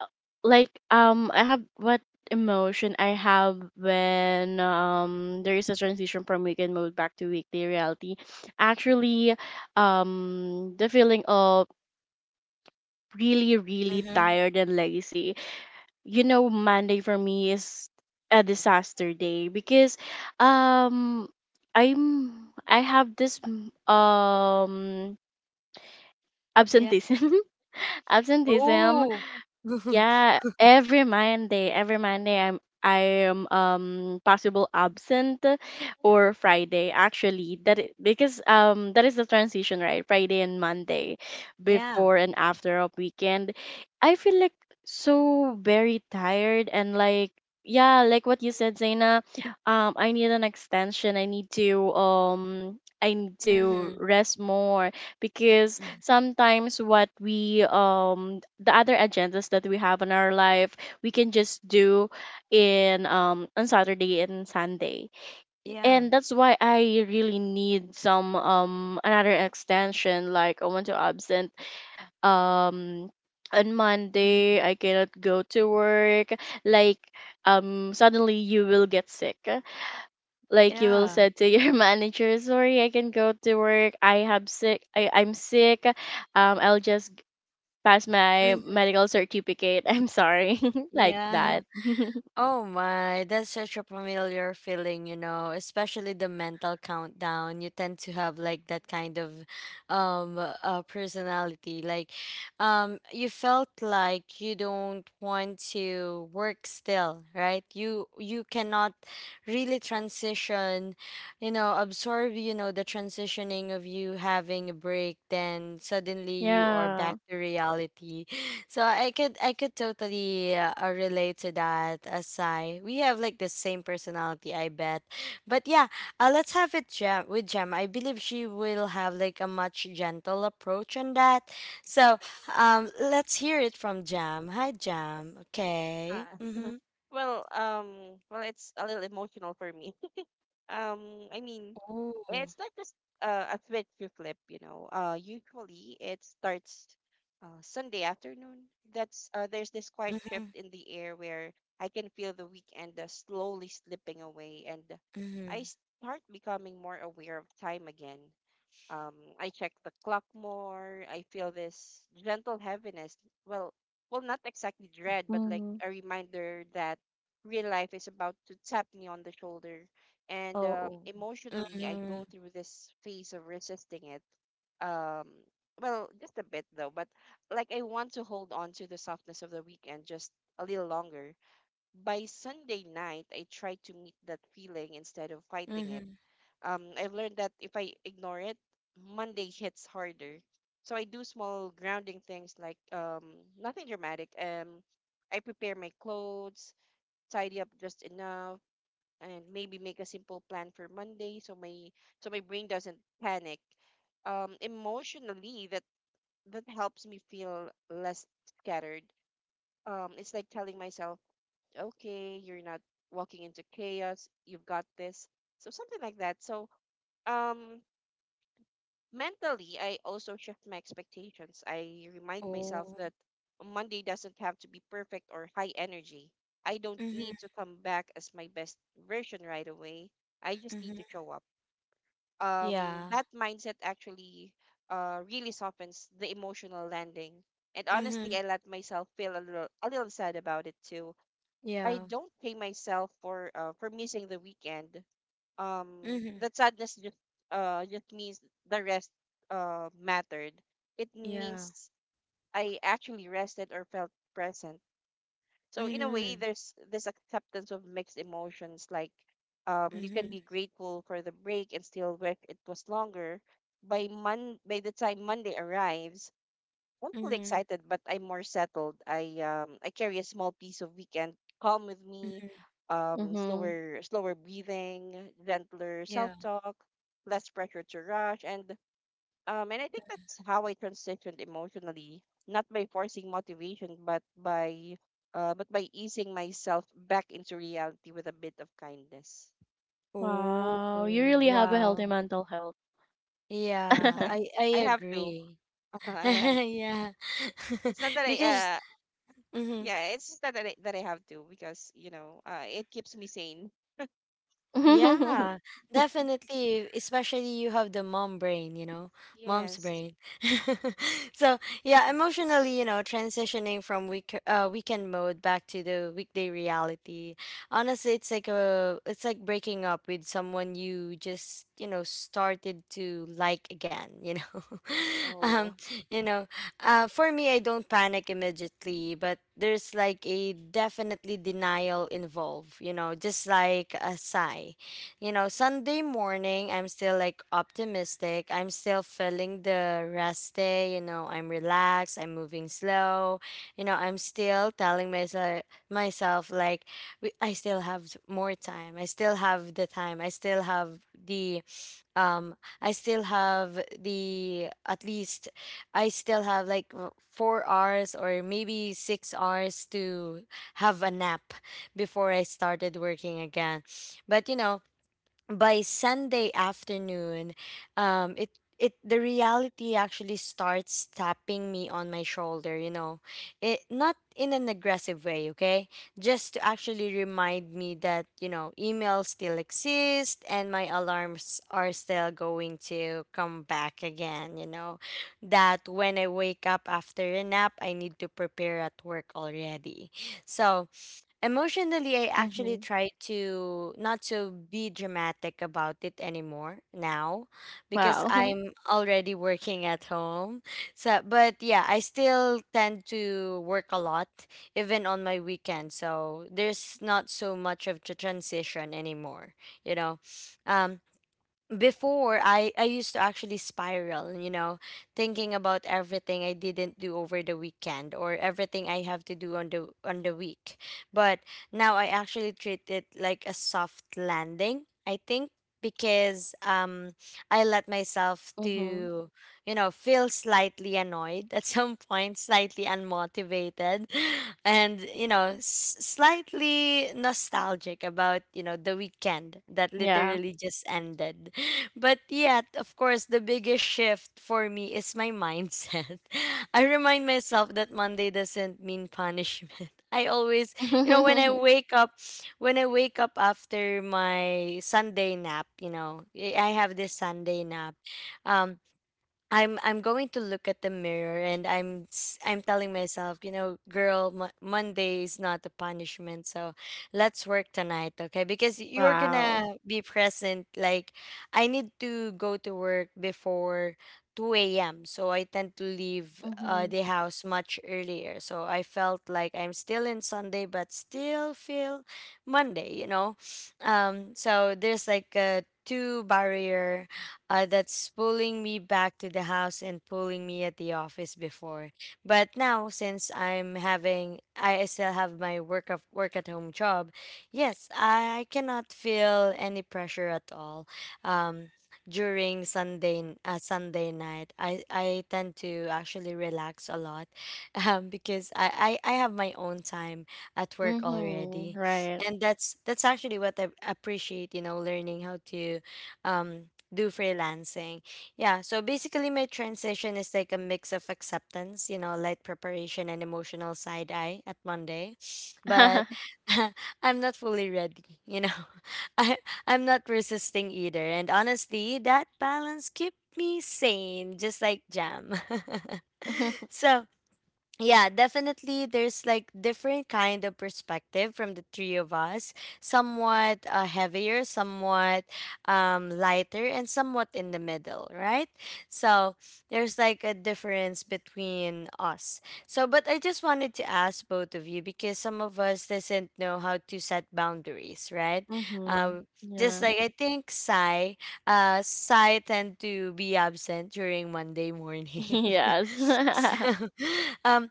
[SPEAKER 2] Uh, like I have what emotion I have when there is a transition from weekend mode back to weekday reality. Actually, the feeling of really really
[SPEAKER 1] Mm-hmm.
[SPEAKER 2] tired and lazy, you know, Monday for me is a disaster day, because um I'm I have this um
[SPEAKER 1] Yeah.
[SPEAKER 2] absenteeism. Absenteeism.
[SPEAKER 1] Oh.
[SPEAKER 2] Yeah, every Monday I'm I am possible absent, or Friday actually, because that is the transition, right? Friday and Monday,
[SPEAKER 1] Yeah.
[SPEAKER 2] before and after of weekend. I feel like so very tired, and like, yeah, like what you said Zaina, I need an extension, I need to
[SPEAKER 1] Mm-hmm.
[SPEAKER 2] rest more, because sometimes what we the other agendas that we have in our life, we can just do in on Saturday and Sunday.
[SPEAKER 1] Yeah.
[SPEAKER 2] And that's why I really need some another extension, like I want to absent um on Monday,
[SPEAKER 1] Mhm.
[SPEAKER 2] I cannot go to work, like suddenly you will get sick, like you will
[SPEAKER 1] Yeah.
[SPEAKER 2] said to your manager, sorry I can go to work, I have sick, I I'm sick, I'll just pass my
[SPEAKER 1] Mhm.
[SPEAKER 2] medical certificate. I'm sorry. Like
[SPEAKER 1] Yeah.
[SPEAKER 2] that.
[SPEAKER 1] Oh my, that's such a familiar feeling, you know, especially the mental countdown. You tend to have like that kind of personality. Like you felt like you don't want to work still, right? You cannot really transition, you know, absorb, you know, the transitioning of you having a break, then suddenly you are
[SPEAKER 2] Yeah.
[SPEAKER 1] back to reality. So I could totally relate to that, Asai. We have like the same personality, I bet. But yeah, let's have it with Gem. I believe she will have like a much gentle approach on that. So let's hear it from Jam. Hi, Jam. Okay.
[SPEAKER 3] Ah.
[SPEAKER 1] Mhm.
[SPEAKER 3] Well, it's a little emotional for me. I mean,
[SPEAKER 1] Oh.
[SPEAKER 3] it's not just a switch you flip, you know. Usually it starts Sunday afternoon. That's There's this quiet shift
[SPEAKER 1] Mhm.
[SPEAKER 3] in the air where I can feel the weekend slowly slipping away, and I
[SPEAKER 1] Mhm.
[SPEAKER 3] start becoming more aware of time again. Um, I check the clock more. I feel this gentle heaviness. Well, well, not exactly dread, but like
[SPEAKER 2] Mm-hmm.
[SPEAKER 3] a reminder that real life is about to tap me on the shoulder. And
[SPEAKER 1] Oh. Oh.
[SPEAKER 3] emotionally, I go
[SPEAKER 1] Mhm.
[SPEAKER 3] through this phase of resisting it. Um, well, just a bit though, but like I want to hold on to the softness of the weekend just a little longer. By Sunday night, I try to meet that feeling instead of fighting it
[SPEAKER 1] Mhm.
[SPEAKER 3] um, I've learned that if I ignore it, Monday hits harder. So I do small grounding things like nothing dramatic. I prepare my clothes, tidy up just enough, and maybe make a simple plan for Monday so my brain doesn't panic. Emotionally, that helps me feel less scattered. It's like telling myself, okay, you're not walking into chaos. You've got this. So something like that. So um mentally, I also shift my expectations. I remind myself
[SPEAKER 1] Oh.
[SPEAKER 3] that Monday doesn't have to be perfect or high energy. I don't
[SPEAKER 1] Mhm.
[SPEAKER 3] need to come back as my best version right away. I just need to
[SPEAKER 1] Mhm.
[SPEAKER 3] show up.
[SPEAKER 1] Yeah.
[SPEAKER 3] That mindset actually really softens the emotional landing, and honestly, I
[SPEAKER 1] Mhm.
[SPEAKER 3] let myself feel a little sad about it too. I
[SPEAKER 1] Yeah.
[SPEAKER 3] don't pay myself for missing the weekend um
[SPEAKER 1] Mhm.
[SPEAKER 3] that sadness just means the rest mattered. It
[SPEAKER 1] Yeah.
[SPEAKER 3] means I actually rested or felt present. So in a way
[SPEAKER 1] Mhm.
[SPEAKER 3] there's this acceptance of mixed emotions like you can
[SPEAKER 1] Mm-hmm.
[SPEAKER 3] be grateful for the break and still wish it was longer. By the time Monday arrives, I'm fully
[SPEAKER 1] Mm-hmm.
[SPEAKER 3] excited, but I'm more settled. I carry a small piece of weekend calm with me,
[SPEAKER 1] Mm-hmm.
[SPEAKER 2] Mm-hmm.
[SPEAKER 3] slower breathing, gentler self
[SPEAKER 1] Yeah.
[SPEAKER 3] talk, less pressure to rush, and I think that's how I transitioned emotionally, not by forcing motivation, but by easing myself back into reality with a bit of kindness.
[SPEAKER 1] Oh,
[SPEAKER 2] Wow, you really have a healthy
[SPEAKER 1] wow.
[SPEAKER 2] mental health.
[SPEAKER 1] Yeah,
[SPEAKER 3] Yeah,
[SPEAKER 1] I
[SPEAKER 3] I have to.
[SPEAKER 1] agree.
[SPEAKER 3] I have.
[SPEAKER 1] Yeah.
[SPEAKER 3] It's not that I
[SPEAKER 1] Because
[SPEAKER 3] uh.
[SPEAKER 1] mhm,
[SPEAKER 3] Yeah, it's just that that I have to because, you know, it keeps me sane.
[SPEAKER 2] Mm-hmm.
[SPEAKER 1] yeah, definitely. Especially you have the mom brain, you know, mom's
[SPEAKER 3] Yes.
[SPEAKER 1] brain. So yeah,
[SPEAKER 3] Mhm.
[SPEAKER 1] emotionally, you know, transitioning from weekend mode back to the weekday reality. Honestly, it's like breaking up with someone you just started to like again. You know, um,
[SPEAKER 3] Oh,
[SPEAKER 1] you know, for me, I don't panic immediately, but there's like a definitely denial involved. You know, just like a sigh. You know, Sunday morning, I'm still like optimistic. I'm still feeling the rest day. You know, I'm relaxed. I'm moving slow. You know, I'm still telling myself like, I still have more time. I still have the time. I still have the, um, I still have the, at least, I still have like 4 hours or maybe 6 hours to have a nap before I started working again. But, you know, by Sunday afternoon, it it the reality actually starts tapping me on my shoulder. You know, it not in an aggressive way. Okay, just to actually remind me that emails still exist and my alarms are still going to come back again. You know, that when I wake up after a nap, I need to prepare at work already. So, emotionally, I actually try to not to be dramatic about it anymore now because
[SPEAKER 2] Wow.
[SPEAKER 1] I'm already working at home. So, but yeah, I still tend to work a lot even on my weekend. So there's not so much of a transition anymore, you know. Um, Before I used to actually spiral, you know, thinking about everything I didn't do over the weekend or everything I have to do on the week. But now I actually treat it like a soft landing, I think, because I let myself
[SPEAKER 2] Mm-hmm.
[SPEAKER 1] to, you know, feel slightly annoyed at some point, slightly unmotivated and, you know, slightly nostalgic about, you know, the weekend that
[SPEAKER 2] Yeah.
[SPEAKER 1] literally just ended. But yet, of course, the biggest shift for me is my mindset. I remind myself that Monday doesn't mean punishment. I always, you know, when I wake up, when I wake up after my Sunday nap, you know, I have this Sunday nap. Um, I'm going to look at the mirror and I'm telling myself, you know, girl, Monday is not a punishment, so let's work tonight, okay? Because you're
[SPEAKER 2] Wow.
[SPEAKER 1] gonna be present. Like, I need to go to work before 2 a.m., so I tend to leave
[SPEAKER 2] Mm-hmm.
[SPEAKER 1] the house much earlier. So I felt like I'm still in Sunday, but still feel Monday, you know. So there's like a two barrier that's pulling me back to the house and pulling me at the office before. But now, since I'm having, I still have my work of work at home job. Yes, I cannot feel any pressure at all. Um, During Sunday night, I tend to actually relax a lot, because I have my own time at work
[SPEAKER 2] Mm-hmm.
[SPEAKER 1] already,
[SPEAKER 2] Right.
[SPEAKER 1] and that's actually what I appreciate. You know, learning how to, um do freelancing. Yeah, so basically my transition is like a mix of acceptance, you know, light preparation and emotional side eye at Monday. But I'm not fully ready, you know. I I'm not resisting either. And honestly, that balance keep me sane just like Jam. So yeah, definitely there's like different kind of perspective from the three of us, somewhat heavier, somewhat lighter, and somewhat in the middle, right? So there's like a difference between us. So, but I just wanted to ask both of you because some of us doesn't know how to set boundaries, right?
[SPEAKER 2] Mm-hmm.
[SPEAKER 1] um, just
[SPEAKER 2] Yeah.
[SPEAKER 1] like, I think, Sai tend to be absent during Monday morning.
[SPEAKER 2] Yes.
[SPEAKER 1] So, um,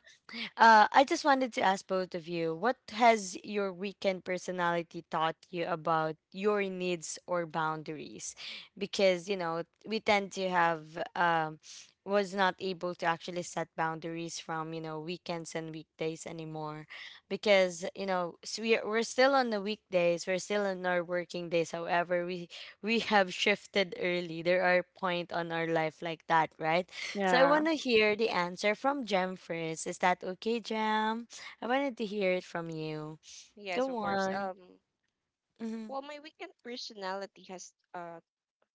[SPEAKER 1] I just wanted to ask both of you, what has your weekend personality taught you about your needs or boundaries? Because, you know, we tend to have was not able to actually set boundaries from, you know, weekends and weekdays anymore. Because, you know, s we we're still on the weekdays, we're still on our working days. However, we have shifted early. There are point on our life like that, right? So I
[SPEAKER 2] Yeah.
[SPEAKER 1] want to hear the answer from Jem first. Is that okay, Jem? I wanted to hear it from you.
[SPEAKER 3] yes,
[SPEAKER 1] Go
[SPEAKER 3] of course.
[SPEAKER 1] on. Mhm.
[SPEAKER 3] Well, my weekend personality has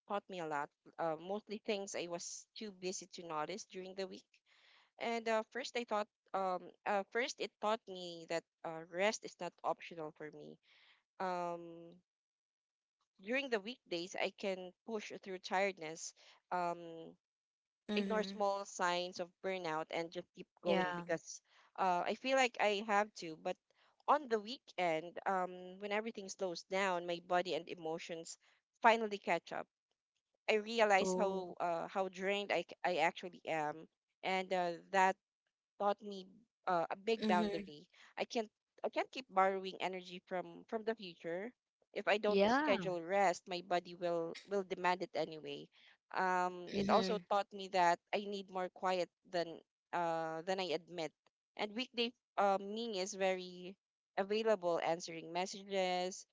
[SPEAKER 3] taught me a lot. Mostly things I was too busy to notice during the week. And first, I thought first it taught me that rest is not optional for me. Um, During the weekdays, I can push through tiredness. Um, Ignore
[SPEAKER 1] Mhm.
[SPEAKER 3] small signs of burnout and just keep going
[SPEAKER 1] Yeah.
[SPEAKER 3] because I feel like I have to. But on the weekend, when everything slows down, my body and emotions finally catch up. I realize
[SPEAKER 1] Oh.
[SPEAKER 3] how drained I actually am, and that taught me a big
[SPEAKER 1] Mhm.
[SPEAKER 3] boundary. I can't I can't keep borrowing energy from the future. If I don't
[SPEAKER 1] Yeah.
[SPEAKER 3] schedule rest, my body will demand it anyway. It also
[SPEAKER 1] Mhm.
[SPEAKER 3] taught me that I need more quiet than I admit. And weekday me is very available, answering messages,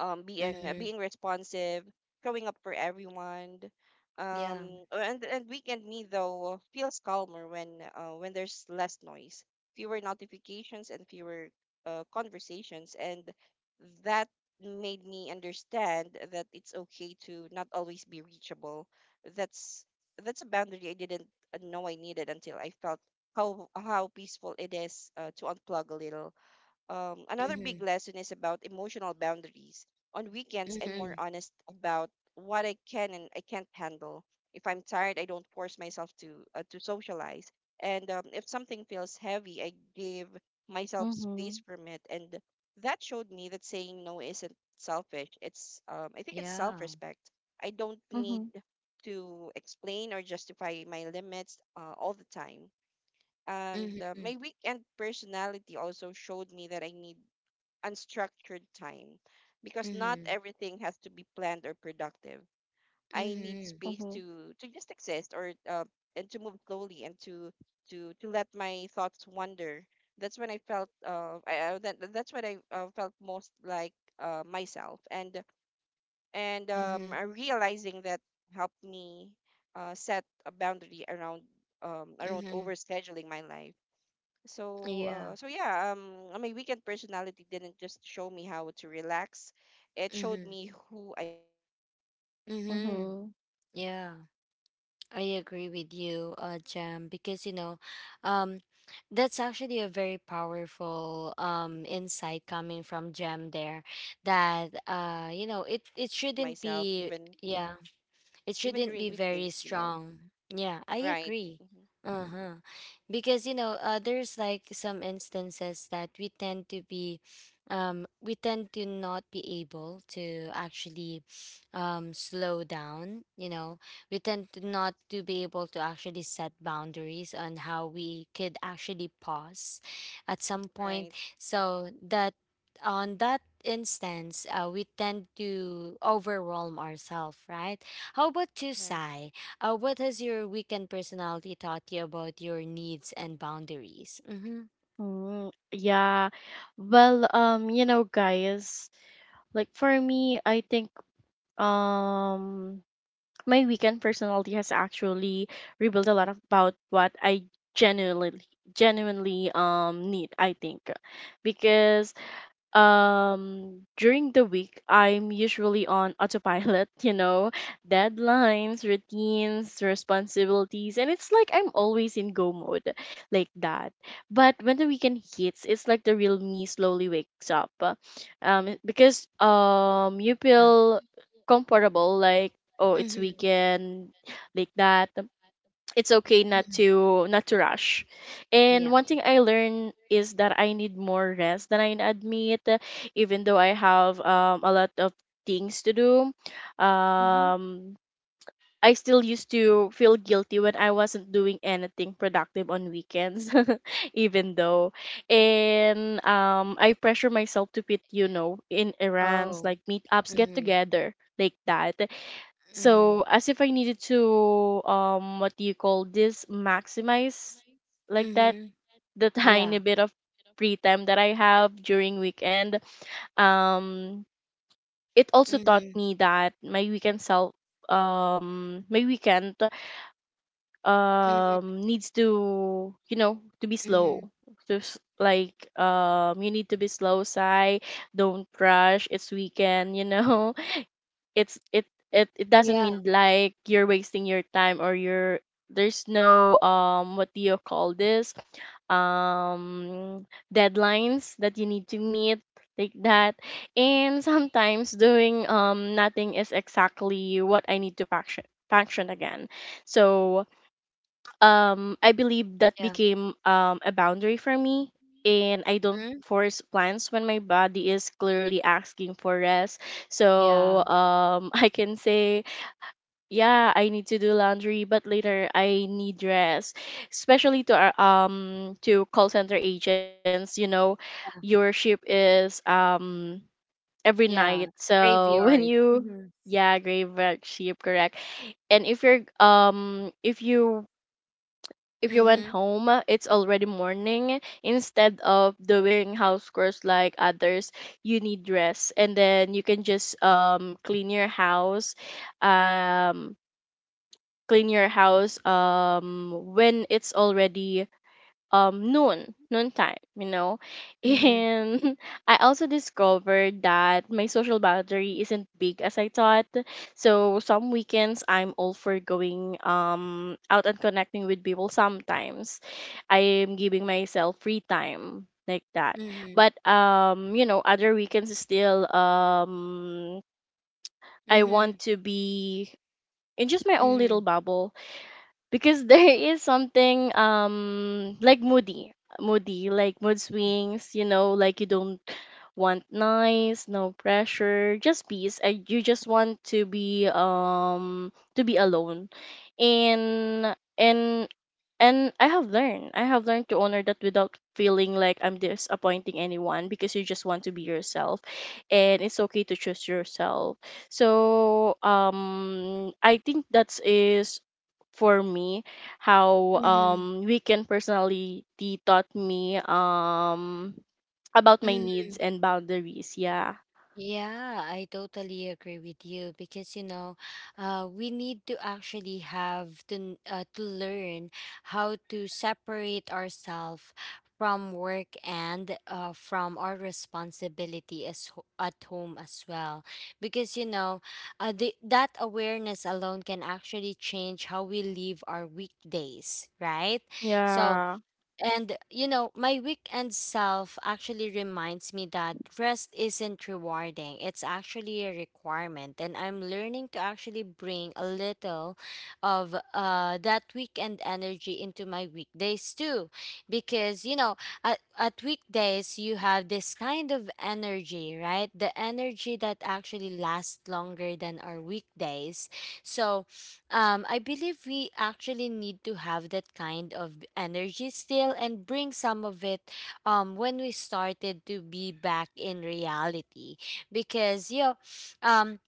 [SPEAKER 3] being
[SPEAKER 1] Mhm.
[SPEAKER 3] being responsive, showing up for everyone.
[SPEAKER 1] Yeah.
[SPEAKER 3] And weekend me though feels calmer when there's less noise, fewer notifications and fewer conversations, and that made me understand that it's okay to not always be reachable. That's that's a boundary I didn't know I needed until I felt how peaceful it is to unplug a little. Another big
[SPEAKER 1] Mhm.
[SPEAKER 3] lesson is about emotional boundaries. On weekends, I'm more
[SPEAKER 1] Mhm.
[SPEAKER 3] honest about what I can and I can't handle. If I'm tired, I don't force myself to socialize. And if something feels heavy, I give myself space
[SPEAKER 2] Mm-hmm.
[SPEAKER 3] from it. And that showed me that saying no isn't selfish. It's I think it's
[SPEAKER 1] Yeah.
[SPEAKER 3] self-respect. I don't need
[SPEAKER 2] Mm-hmm.
[SPEAKER 3] to explain or justify my limits all the time. And
[SPEAKER 1] Mhm.
[SPEAKER 3] my weekend personality also showed me that I need unstructured time because not
[SPEAKER 1] Mhm.
[SPEAKER 3] everything has to be planned or productive. I need
[SPEAKER 1] Mhm.
[SPEAKER 2] Mm-hmm.
[SPEAKER 3] space to just exist or and to move slowly and to let my thoughts wander. That's when I felt that's when I felt most like myself. And
[SPEAKER 1] Mhm.
[SPEAKER 3] realizing that helped me set a boundary around around
[SPEAKER 1] Mhm.
[SPEAKER 3] overscheduling my life. so,
[SPEAKER 1] Yeah.
[SPEAKER 3] uh, so yeah, my weekend personality didn't just show me how to relax. It showed
[SPEAKER 1] Mhm.
[SPEAKER 3] me who I am when I'm not on
[SPEAKER 1] Mhm.
[SPEAKER 2] Mm-hmm.
[SPEAKER 3] survival mode,
[SPEAKER 1] Yeah.
[SPEAKER 3] and that version
[SPEAKER 1] I
[SPEAKER 3] of me
[SPEAKER 1] agree with
[SPEAKER 3] needs
[SPEAKER 1] you,
[SPEAKER 3] needs
[SPEAKER 1] Jam,
[SPEAKER 3] rest,
[SPEAKER 1] because you know,
[SPEAKER 3] quiet,
[SPEAKER 1] um, that's
[SPEAKER 3] honesty,
[SPEAKER 1] actually a
[SPEAKER 3] and
[SPEAKER 1] very
[SPEAKER 3] permission to
[SPEAKER 1] powerful
[SPEAKER 3] choose myself sometimes.
[SPEAKER 1] insight coming
[SPEAKER 3] Knowing
[SPEAKER 1] from
[SPEAKER 3] that
[SPEAKER 1] Jam
[SPEAKER 3] has
[SPEAKER 1] there.
[SPEAKER 3] um,
[SPEAKER 1] That
[SPEAKER 3] Knowing that has
[SPEAKER 1] you
[SPEAKER 3] made
[SPEAKER 1] know,
[SPEAKER 3] me
[SPEAKER 1] it
[SPEAKER 3] kinder to
[SPEAKER 1] shouldn't
[SPEAKER 3] myself,
[SPEAKER 1] be.
[SPEAKER 3] even
[SPEAKER 1] Yeah, it
[SPEAKER 3] even
[SPEAKER 1] shouldn't
[SPEAKER 3] during
[SPEAKER 1] be very
[SPEAKER 3] weekdays. You know,
[SPEAKER 1] strong. Yeah, I
[SPEAKER 3] right?
[SPEAKER 1] agree.
[SPEAKER 3] Mm-hmm. Mm-hmm.
[SPEAKER 1] Uh-huh. Because you know, there's like some instances that we tend to be we tend to not be able to actually slow down, you know. We tend to not to be able to actually set boundaries on how we could actually pause at some point.
[SPEAKER 3] Right.
[SPEAKER 1] So that on that instance, we tend to overwhelm ourselves, right? How about you,
[SPEAKER 3] Right.
[SPEAKER 1] Sai? What has your weekend personality taught you about your needs and boundaries? Mm-hmm.
[SPEAKER 2] Mm, yeah. Well, you know, guys, like for me, I think um my weekend personality has actually revealed a lot about what I genuinely genuinely need, I think. Because during the week I'm usually on autopilot. You know, deadlines, routines, responsibilities, and it's like I'm always in go mode, like that. But when the weekend hits, it's like the real me slowly wakes up. Because you
[SPEAKER 1] Yeah.
[SPEAKER 2] feel comfortable, like, oh it's
[SPEAKER 1] Mm-hmm.
[SPEAKER 2] weekend, like that, it's okay not
[SPEAKER 1] hmm.
[SPEAKER 2] to not to rush. And
[SPEAKER 1] Yeah.
[SPEAKER 2] one thing I learned is that I need more rest than I admit, even though I have, a lot of things to do.
[SPEAKER 1] Mm-hmm.
[SPEAKER 2] um I still used to feel guilty when I wasn't doing anything productive on weekends. Even though, and I pressure myself to fit, you know, in errands
[SPEAKER 1] Oh.
[SPEAKER 2] like meetups, get
[SPEAKER 1] Mm-hmm.
[SPEAKER 2] together, like that,
[SPEAKER 1] Mm-hmm.
[SPEAKER 2] so as if I needed to what do you call this maximize, like that,
[SPEAKER 1] Mm-hmm.
[SPEAKER 2] the tiny
[SPEAKER 1] Yeah.
[SPEAKER 2] bit of free time that I have during weekend. Um it also taught
[SPEAKER 1] Mm-hmm.
[SPEAKER 2] me that my weekend self, my weekend
[SPEAKER 1] Mm-hmm.
[SPEAKER 2] needs to, you know, to be
[SPEAKER 1] Mm-hmm.
[SPEAKER 2] slow. To s- like you need to be slow, Sai. Don't rush. It's weekend, you know, it's it it it doesn't
[SPEAKER 1] Yeah.
[SPEAKER 2] mean like you're wasting your time or you're, there's no what do you call this um deadlines that you need to meet, like that. And sometimes doing nothing is exactly what I need to function again. So I believe that
[SPEAKER 1] Yeah.
[SPEAKER 2] became a boundary for me, and I don't
[SPEAKER 1] Mm-hmm.
[SPEAKER 2] force plans when my body is clearly asking for rest. So
[SPEAKER 1] Yeah.
[SPEAKER 2] I can say, yeah, I need to do laundry but later I need rest. Especially to our to call center agents, you know, your shift is every night.
[SPEAKER 1] Yeah.
[SPEAKER 2] So when
[SPEAKER 1] Graveyard.
[SPEAKER 2] you
[SPEAKER 1] Mm-hmm.
[SPEAKER 2] yeah, graveyard shift, correct. And if you're if you went
[SPEAKER 1] Mm-hmm.
[SPEAKER 2] home, it's already morning. Instead of doing house chores like others, you need rest, and then you can just clean your um house when it's already noontime, you know.
[SPEAKER 1] Mm-hmm.
[SPEAKER 2] And I also discovered that my social boundary isn't big as I thought. So some weekends I'm all for going out and connecting with people. Sometimes I am giving myself free time like that,
[SPEAKER 1] Mm-hmm.
[SPEAKER 2] but other weekends is still I want
[SPEAKER 1] Mm-hmm.
[SPEAKER 2] to be in just my own little bubble, because there is something like moody like mood swings, you know, like you don't want nice, no pressure, just peace. You just want to be alone. And and I have learned. I have learned to honor that without feeling like I'm disappointing anyone, because you just want to be yourself, and it's okay to choose yourself. So, I think that is, for me, how
[SPEAKER 1] Mm-hmm.
[SPEAKER 2] weekend personality taught me about my
[SPEAKER 1] Mm-hmm.
[SPEAKER 2] needs and boundaries. Yeah.
[SPEAKER 1] Yeah, I totally agree with you because you know, we need to actually have to to learn how to separate ourselves from work and from our responsibility as at home as well. Because you know, that awareness alone can actually change how we live our weekdays, right? So
[SPEAKER 2] Yeah.
[SPEAKER 1] and you know, my weekend self actually reminds me that rest isn't rewarding. It's actually a requirement. And I'm learning to actually bring a little of that weekend energy into my weekdays too. Because you know, at weekdays you have this kind of energy, right? The energy that actually lasts longer than our weekdays. So I believe we actually need to have that kind of energy still and bring some of it when we started to be back in reality. Because, you know, um,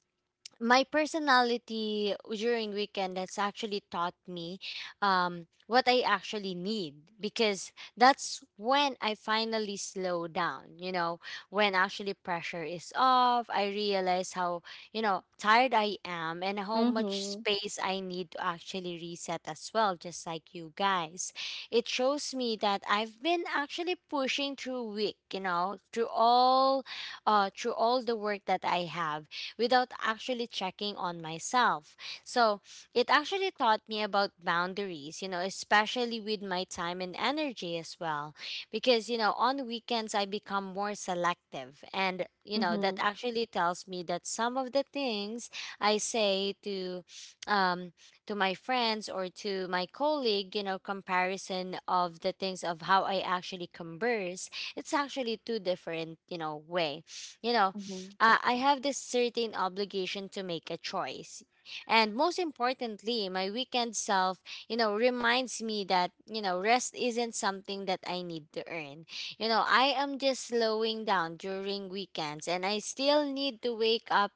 [SPEAKER 1] my personality during weekend that's actually taught me what I actually need because that's when I finally slow down. You know, when actually pressure is off, I realize how tired I am and how much
[SPEAKER 2] Mhm.
[SPEAKER 1] space I need to actually reset as well. Just like you guys, it shows me that I've been actually pushing through week. You know, through all the work that I have without actually checking on myself. So it actually taught me about boundaries, you know, especially with my time and energy as well. Because, you know, on weekends, I become more selective. And, you know, that
[SPEAKER 2] Mhm.
[SPEAKER 1] actually tells me that some of the things I say um, to my friends or to my colleague, you know, comparison of the things of how I actually converse, it's actually two different, you know, way. You know,
[SPEAKER 2] Mhm.
[SPEAKER 1] I have this certain obligation to make a choice. And most importantly, my weekend self, you know, reminds me that, you know, rest isn't something that I need to earn. You know, I am just slowing down during weekends and I still need to wake up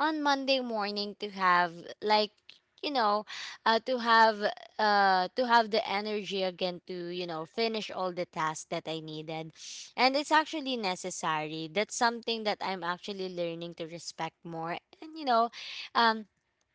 [SPEAKER 1] on Monday morning to have like you know uh, to have to have the energy again to finish all the tasks that I needed, and it's actually necessary. That's something that I'm actually learning to respect more. And you know, um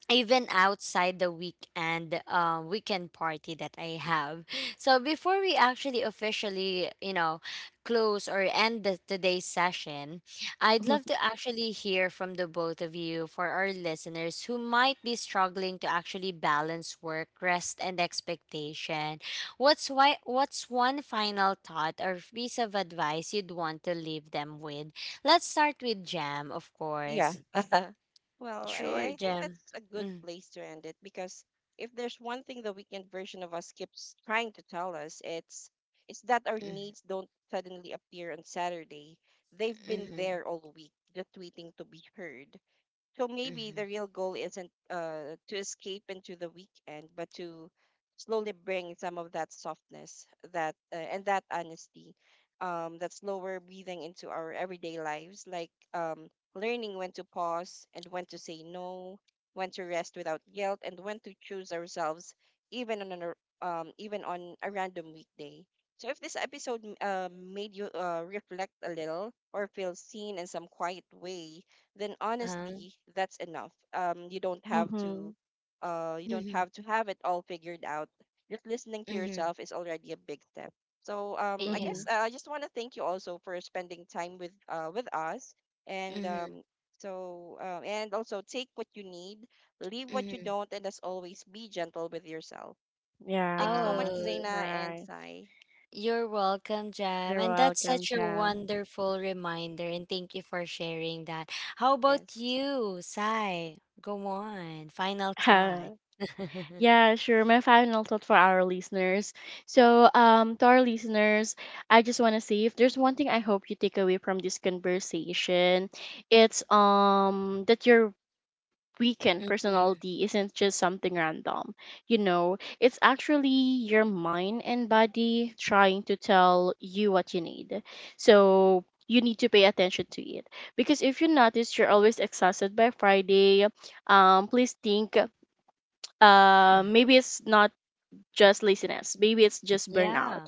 [SPEAKER 1] even outside the weekend weekend party that I have. So before we actually officially, you know, close or end the, today's session, I'd love to actually hear from the both of you for our listeners who might be struggling to actually balance work, rest, and expectation. What's one final thought or piece of advice you'd want to leave them with? Let's start with Jam, of
[SPEAKER 3] Yeah.
[SPEAKER 1] course.
[SPEAKER 3] Well, I
[SPEAKER 1] Sure,
[SPEAKER 3] I think
[SPEAKER 1] Jam.
[SPEAKER 3] that's a good
[SPEAKER 1] Mm.
[SPEAKER 3] place to end it because if there's one thing the weekend version of us keeps trying to tell us, it's that our
[SPEAKER 1] Mm.
[SPEAKER 3] needs don't suddenly appear on Saturday. They've been
[SPEAKER 1] Mhm.
[SPEAKER 3] there all week, just waiting to be heard. So maybe
[SPEAKER 1] Mhm.
[SPEAKER 3] the real goal isn't to escape into the weekend, but to slowly bring some of that softness, that and that honesty, that slower breathing into our everyday lives, like learning when to pause and when to say no, when to rest without guilt, and when to choose ourselves, even on an, even on a random weekday. So if this episode made you reflect a little or feel seen in some quiet way, then
[SPEAKER 1] Uh-huh.
[SPEAKER 3] honestly, that's enough.
[SPEAKER 2] Mhm.
[SPEAKER 3] You don't
[SPEAKER 1] Mhm.
[SPEAKER 3] have to have it all figured out. Just listening to
[SPEAKER 1] Mhm.
[SPEAKER 3] yourself is already a big step. So, I
[SPEAKER 1] Yeah.
[SPEAKER 3] guess
[SPEAKER 2] Mhm.
[SPEAKER 3] I just want to thank you also for spending time with us, and
[SPEAKER 1] Mhm.
[SPEAKER 3] and also take what you need, leave what you
[SPEAKER 1] Mhm.
[SPEAKER 3] don't, and as always, be gentle with yourself. Thank you so much,
[SPEAKER 2] Yes.
[SPEAKER 1] Oh,
[SPEAKER 3] Zaina and
[SPEAKER 2] Right.
[SPEAKER 3] Sai.
[SPEAKER 1] you're welcome, Jam.
[SPEAKER 2] You're
[SPEAKER 1] And that's
[SPEAKER 2] welcome,
[SPEAKER 1] such a
[SPEAKER 2] Jam.
[SPEAKER 1] wonderful reminder. And thank you for sharing that. How about
[SPEAKER 3] Yes.
[SPEAKER 1] you, Sai? Go on. Final thought.
[SPEAKER 2] Yeah, sure. My final thought for our listeners. So, to our listeners, I just want to say, if there's one thing I hope you take away from this conversation, it's that you're weekend
[SPEAKER 1] Mhm,
[SPEAKER 2] personality isn't just something random. You know, it's actually your mind and body trying to tell you what you need. So you need to pay attention to it, because if you notice you're always exhausted by Friday, please think, maybe it's not just laziness, maybe it's just burnout.
[SPEAKER 1] yeah.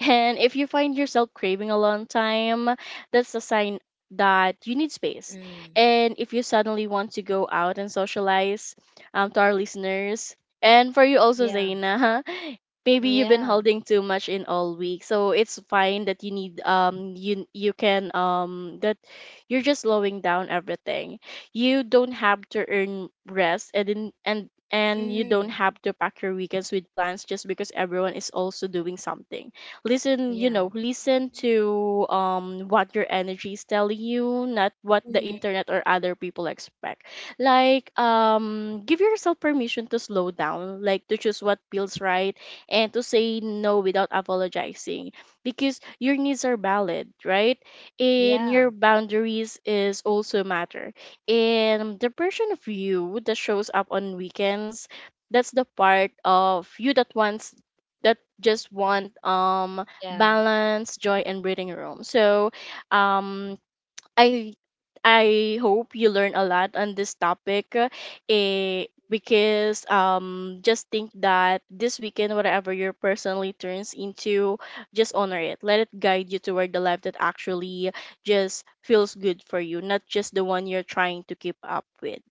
[SPEAKER 2] And if you find yourself craving alone time, that's a sign that you need space.
[SPEAKER 1] Mhm.
[SPEAKER 2] And if you suddenly want to go out and socialize, to our listeners, and for you also,
[SPEAKER 1] Yeah.
[SPEAKER 2] Zaina, maybe you've been
[SPEAKER 1] Yeah.
[SPEAKER 2] holding too much in all week. So it's fine that you need you you can that you're just slowing down everything. You don't have to earn rest, and in, and and you don't
[SPEAKER 1] Mhm.
[SPEAKER 2] have to pack your weekends with plans just because everyone is also doing something. Listen, you
[SPEAKER 1] Yeah.
[SPEAKER 2] know, listen to what your energy is telling you, not what the
[SPEAKER 1] Mhm.
[SPEAKER 2] internet or other people expect. Like, give yourself permission to slow down, like to choose what feels right and to say no without apologizing, because your needs are valid, right? And
[SPEAKER 1] Yeah.
[SPEAKER 2] your boundaries is also matter. And the version of you that shows up on weekends, that's the part of you that wants, that just want
[SPEAKER 1] Yeah.
[SPEAKER 2] balance, joy and breathing room. So um I I hope you learn a lot on this topic. Eh, because just think that this weekend, whatever your personally turns into, just honor it, let it guide you toward the life that actually just feels good for you, not just the one you're trying to keep up with.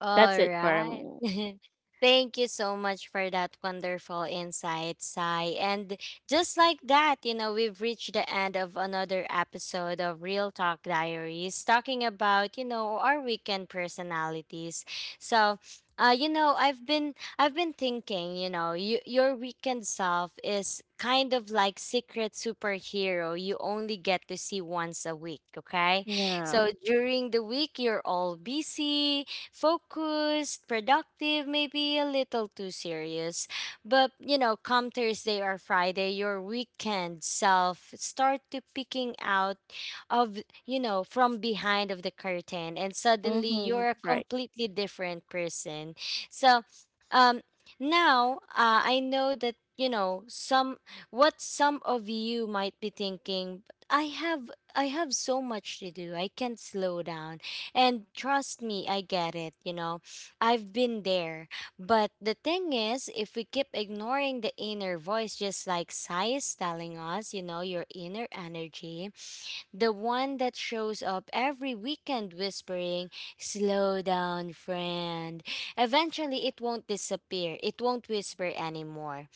[SPEAKER 1] All
[SPEAKER 2] That's it for
[SPEAKER 1] right.
[SPEAKER 2] me.
[SPEAKER 1] Thank you so much for that wonderful insight, Sai. And just like that, you know, we've reached the end of another episode of Real Talk Diaries, talking about, you know, our weekend personalities. So, you know, I've been thinking, you know, your weekend self is kind of like secret superhero you only get to see once a week, okay?
[SPEAKER 2] Yeah.
[SPEAKER 1] So during the week you're all busy, focused, productive, maybe a little too serious. But, you know, come Thursday or Friday, your weekend self start to peeking out of, you know, from behind of the curtain and suddenly
[SPEAKER 2] Mm-hmm.
[SPEAKER 1] you're a
[SPEAKER 2] Right.
[SPEAKER 1] completely different person. So, um now I know that you know some what some of you might be thinking. I have I have so much to do. I can't slow down. And trust me, I get it, you know. I've been there. But the thing is, if we keep ignoring the inner voice, just like Sai is telling us, you know, your inner energy, the one that shows up every weekend whispering, slow down, friend, eventually it won't disappear. It won't whisper anymore.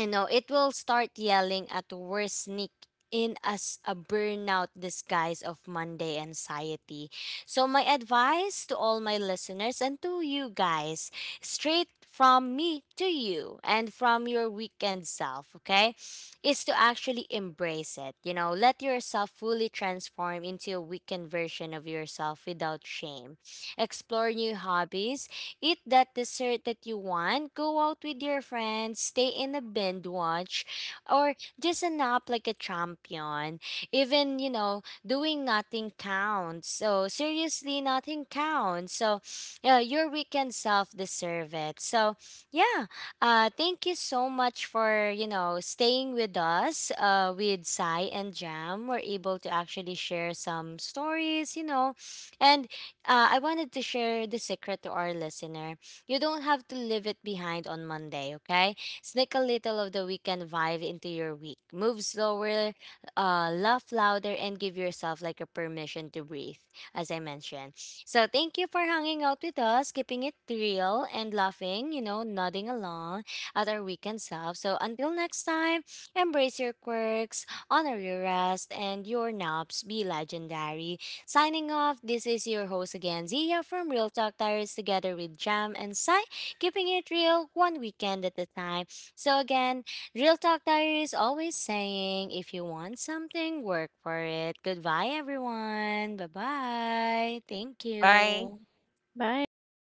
[SPEAKER 1] I know it will start yelling at the worst sneak in as a burnout disguise of Monday anxiety. So my advice to all my listeners and to you guys, straight from me to you and from your weekend self, okay, is to actually embrace it. You know, let yourself fully transform into a weekend version of yourself without shame. Explore new hobbies. Eat that dessert that you want, go out with your friends, stay in a binge watch, or just a nap like a champion. Even, you know, doing nothing counts. So, seriously, nothing counts. So, your weekend self deserve it. So, yeah, thank you so much for, you know, staying with us with Sai and Jam. We're able to actually share some stories, you know, and I wanted to share the secret to our listener. You don't have to leave it behind on Monday, okay? Sneak a little of the weekend vibe into your week. Move slower, laugh louder, and give yourself like a permission to breathe, as I mentioned. So thank you for hanging out with us, keeping it real and laughing, you know, nodding along at our weekend self. So until next time, embrace your quirks, honor your rest, and your naps be legendary. Signing off, this is your host again, Zia from Real Talk Tires, together with Jam and Sai, keeping it real one weekend at a time. So, again, Real Talk Tires always saying, if you want something, work for it. Goodbye, everyone. Bye bye. Thank
[SPEAKER 3] Bye.
[SPEAKER 1] you.
[SPEAKER 2] Bye.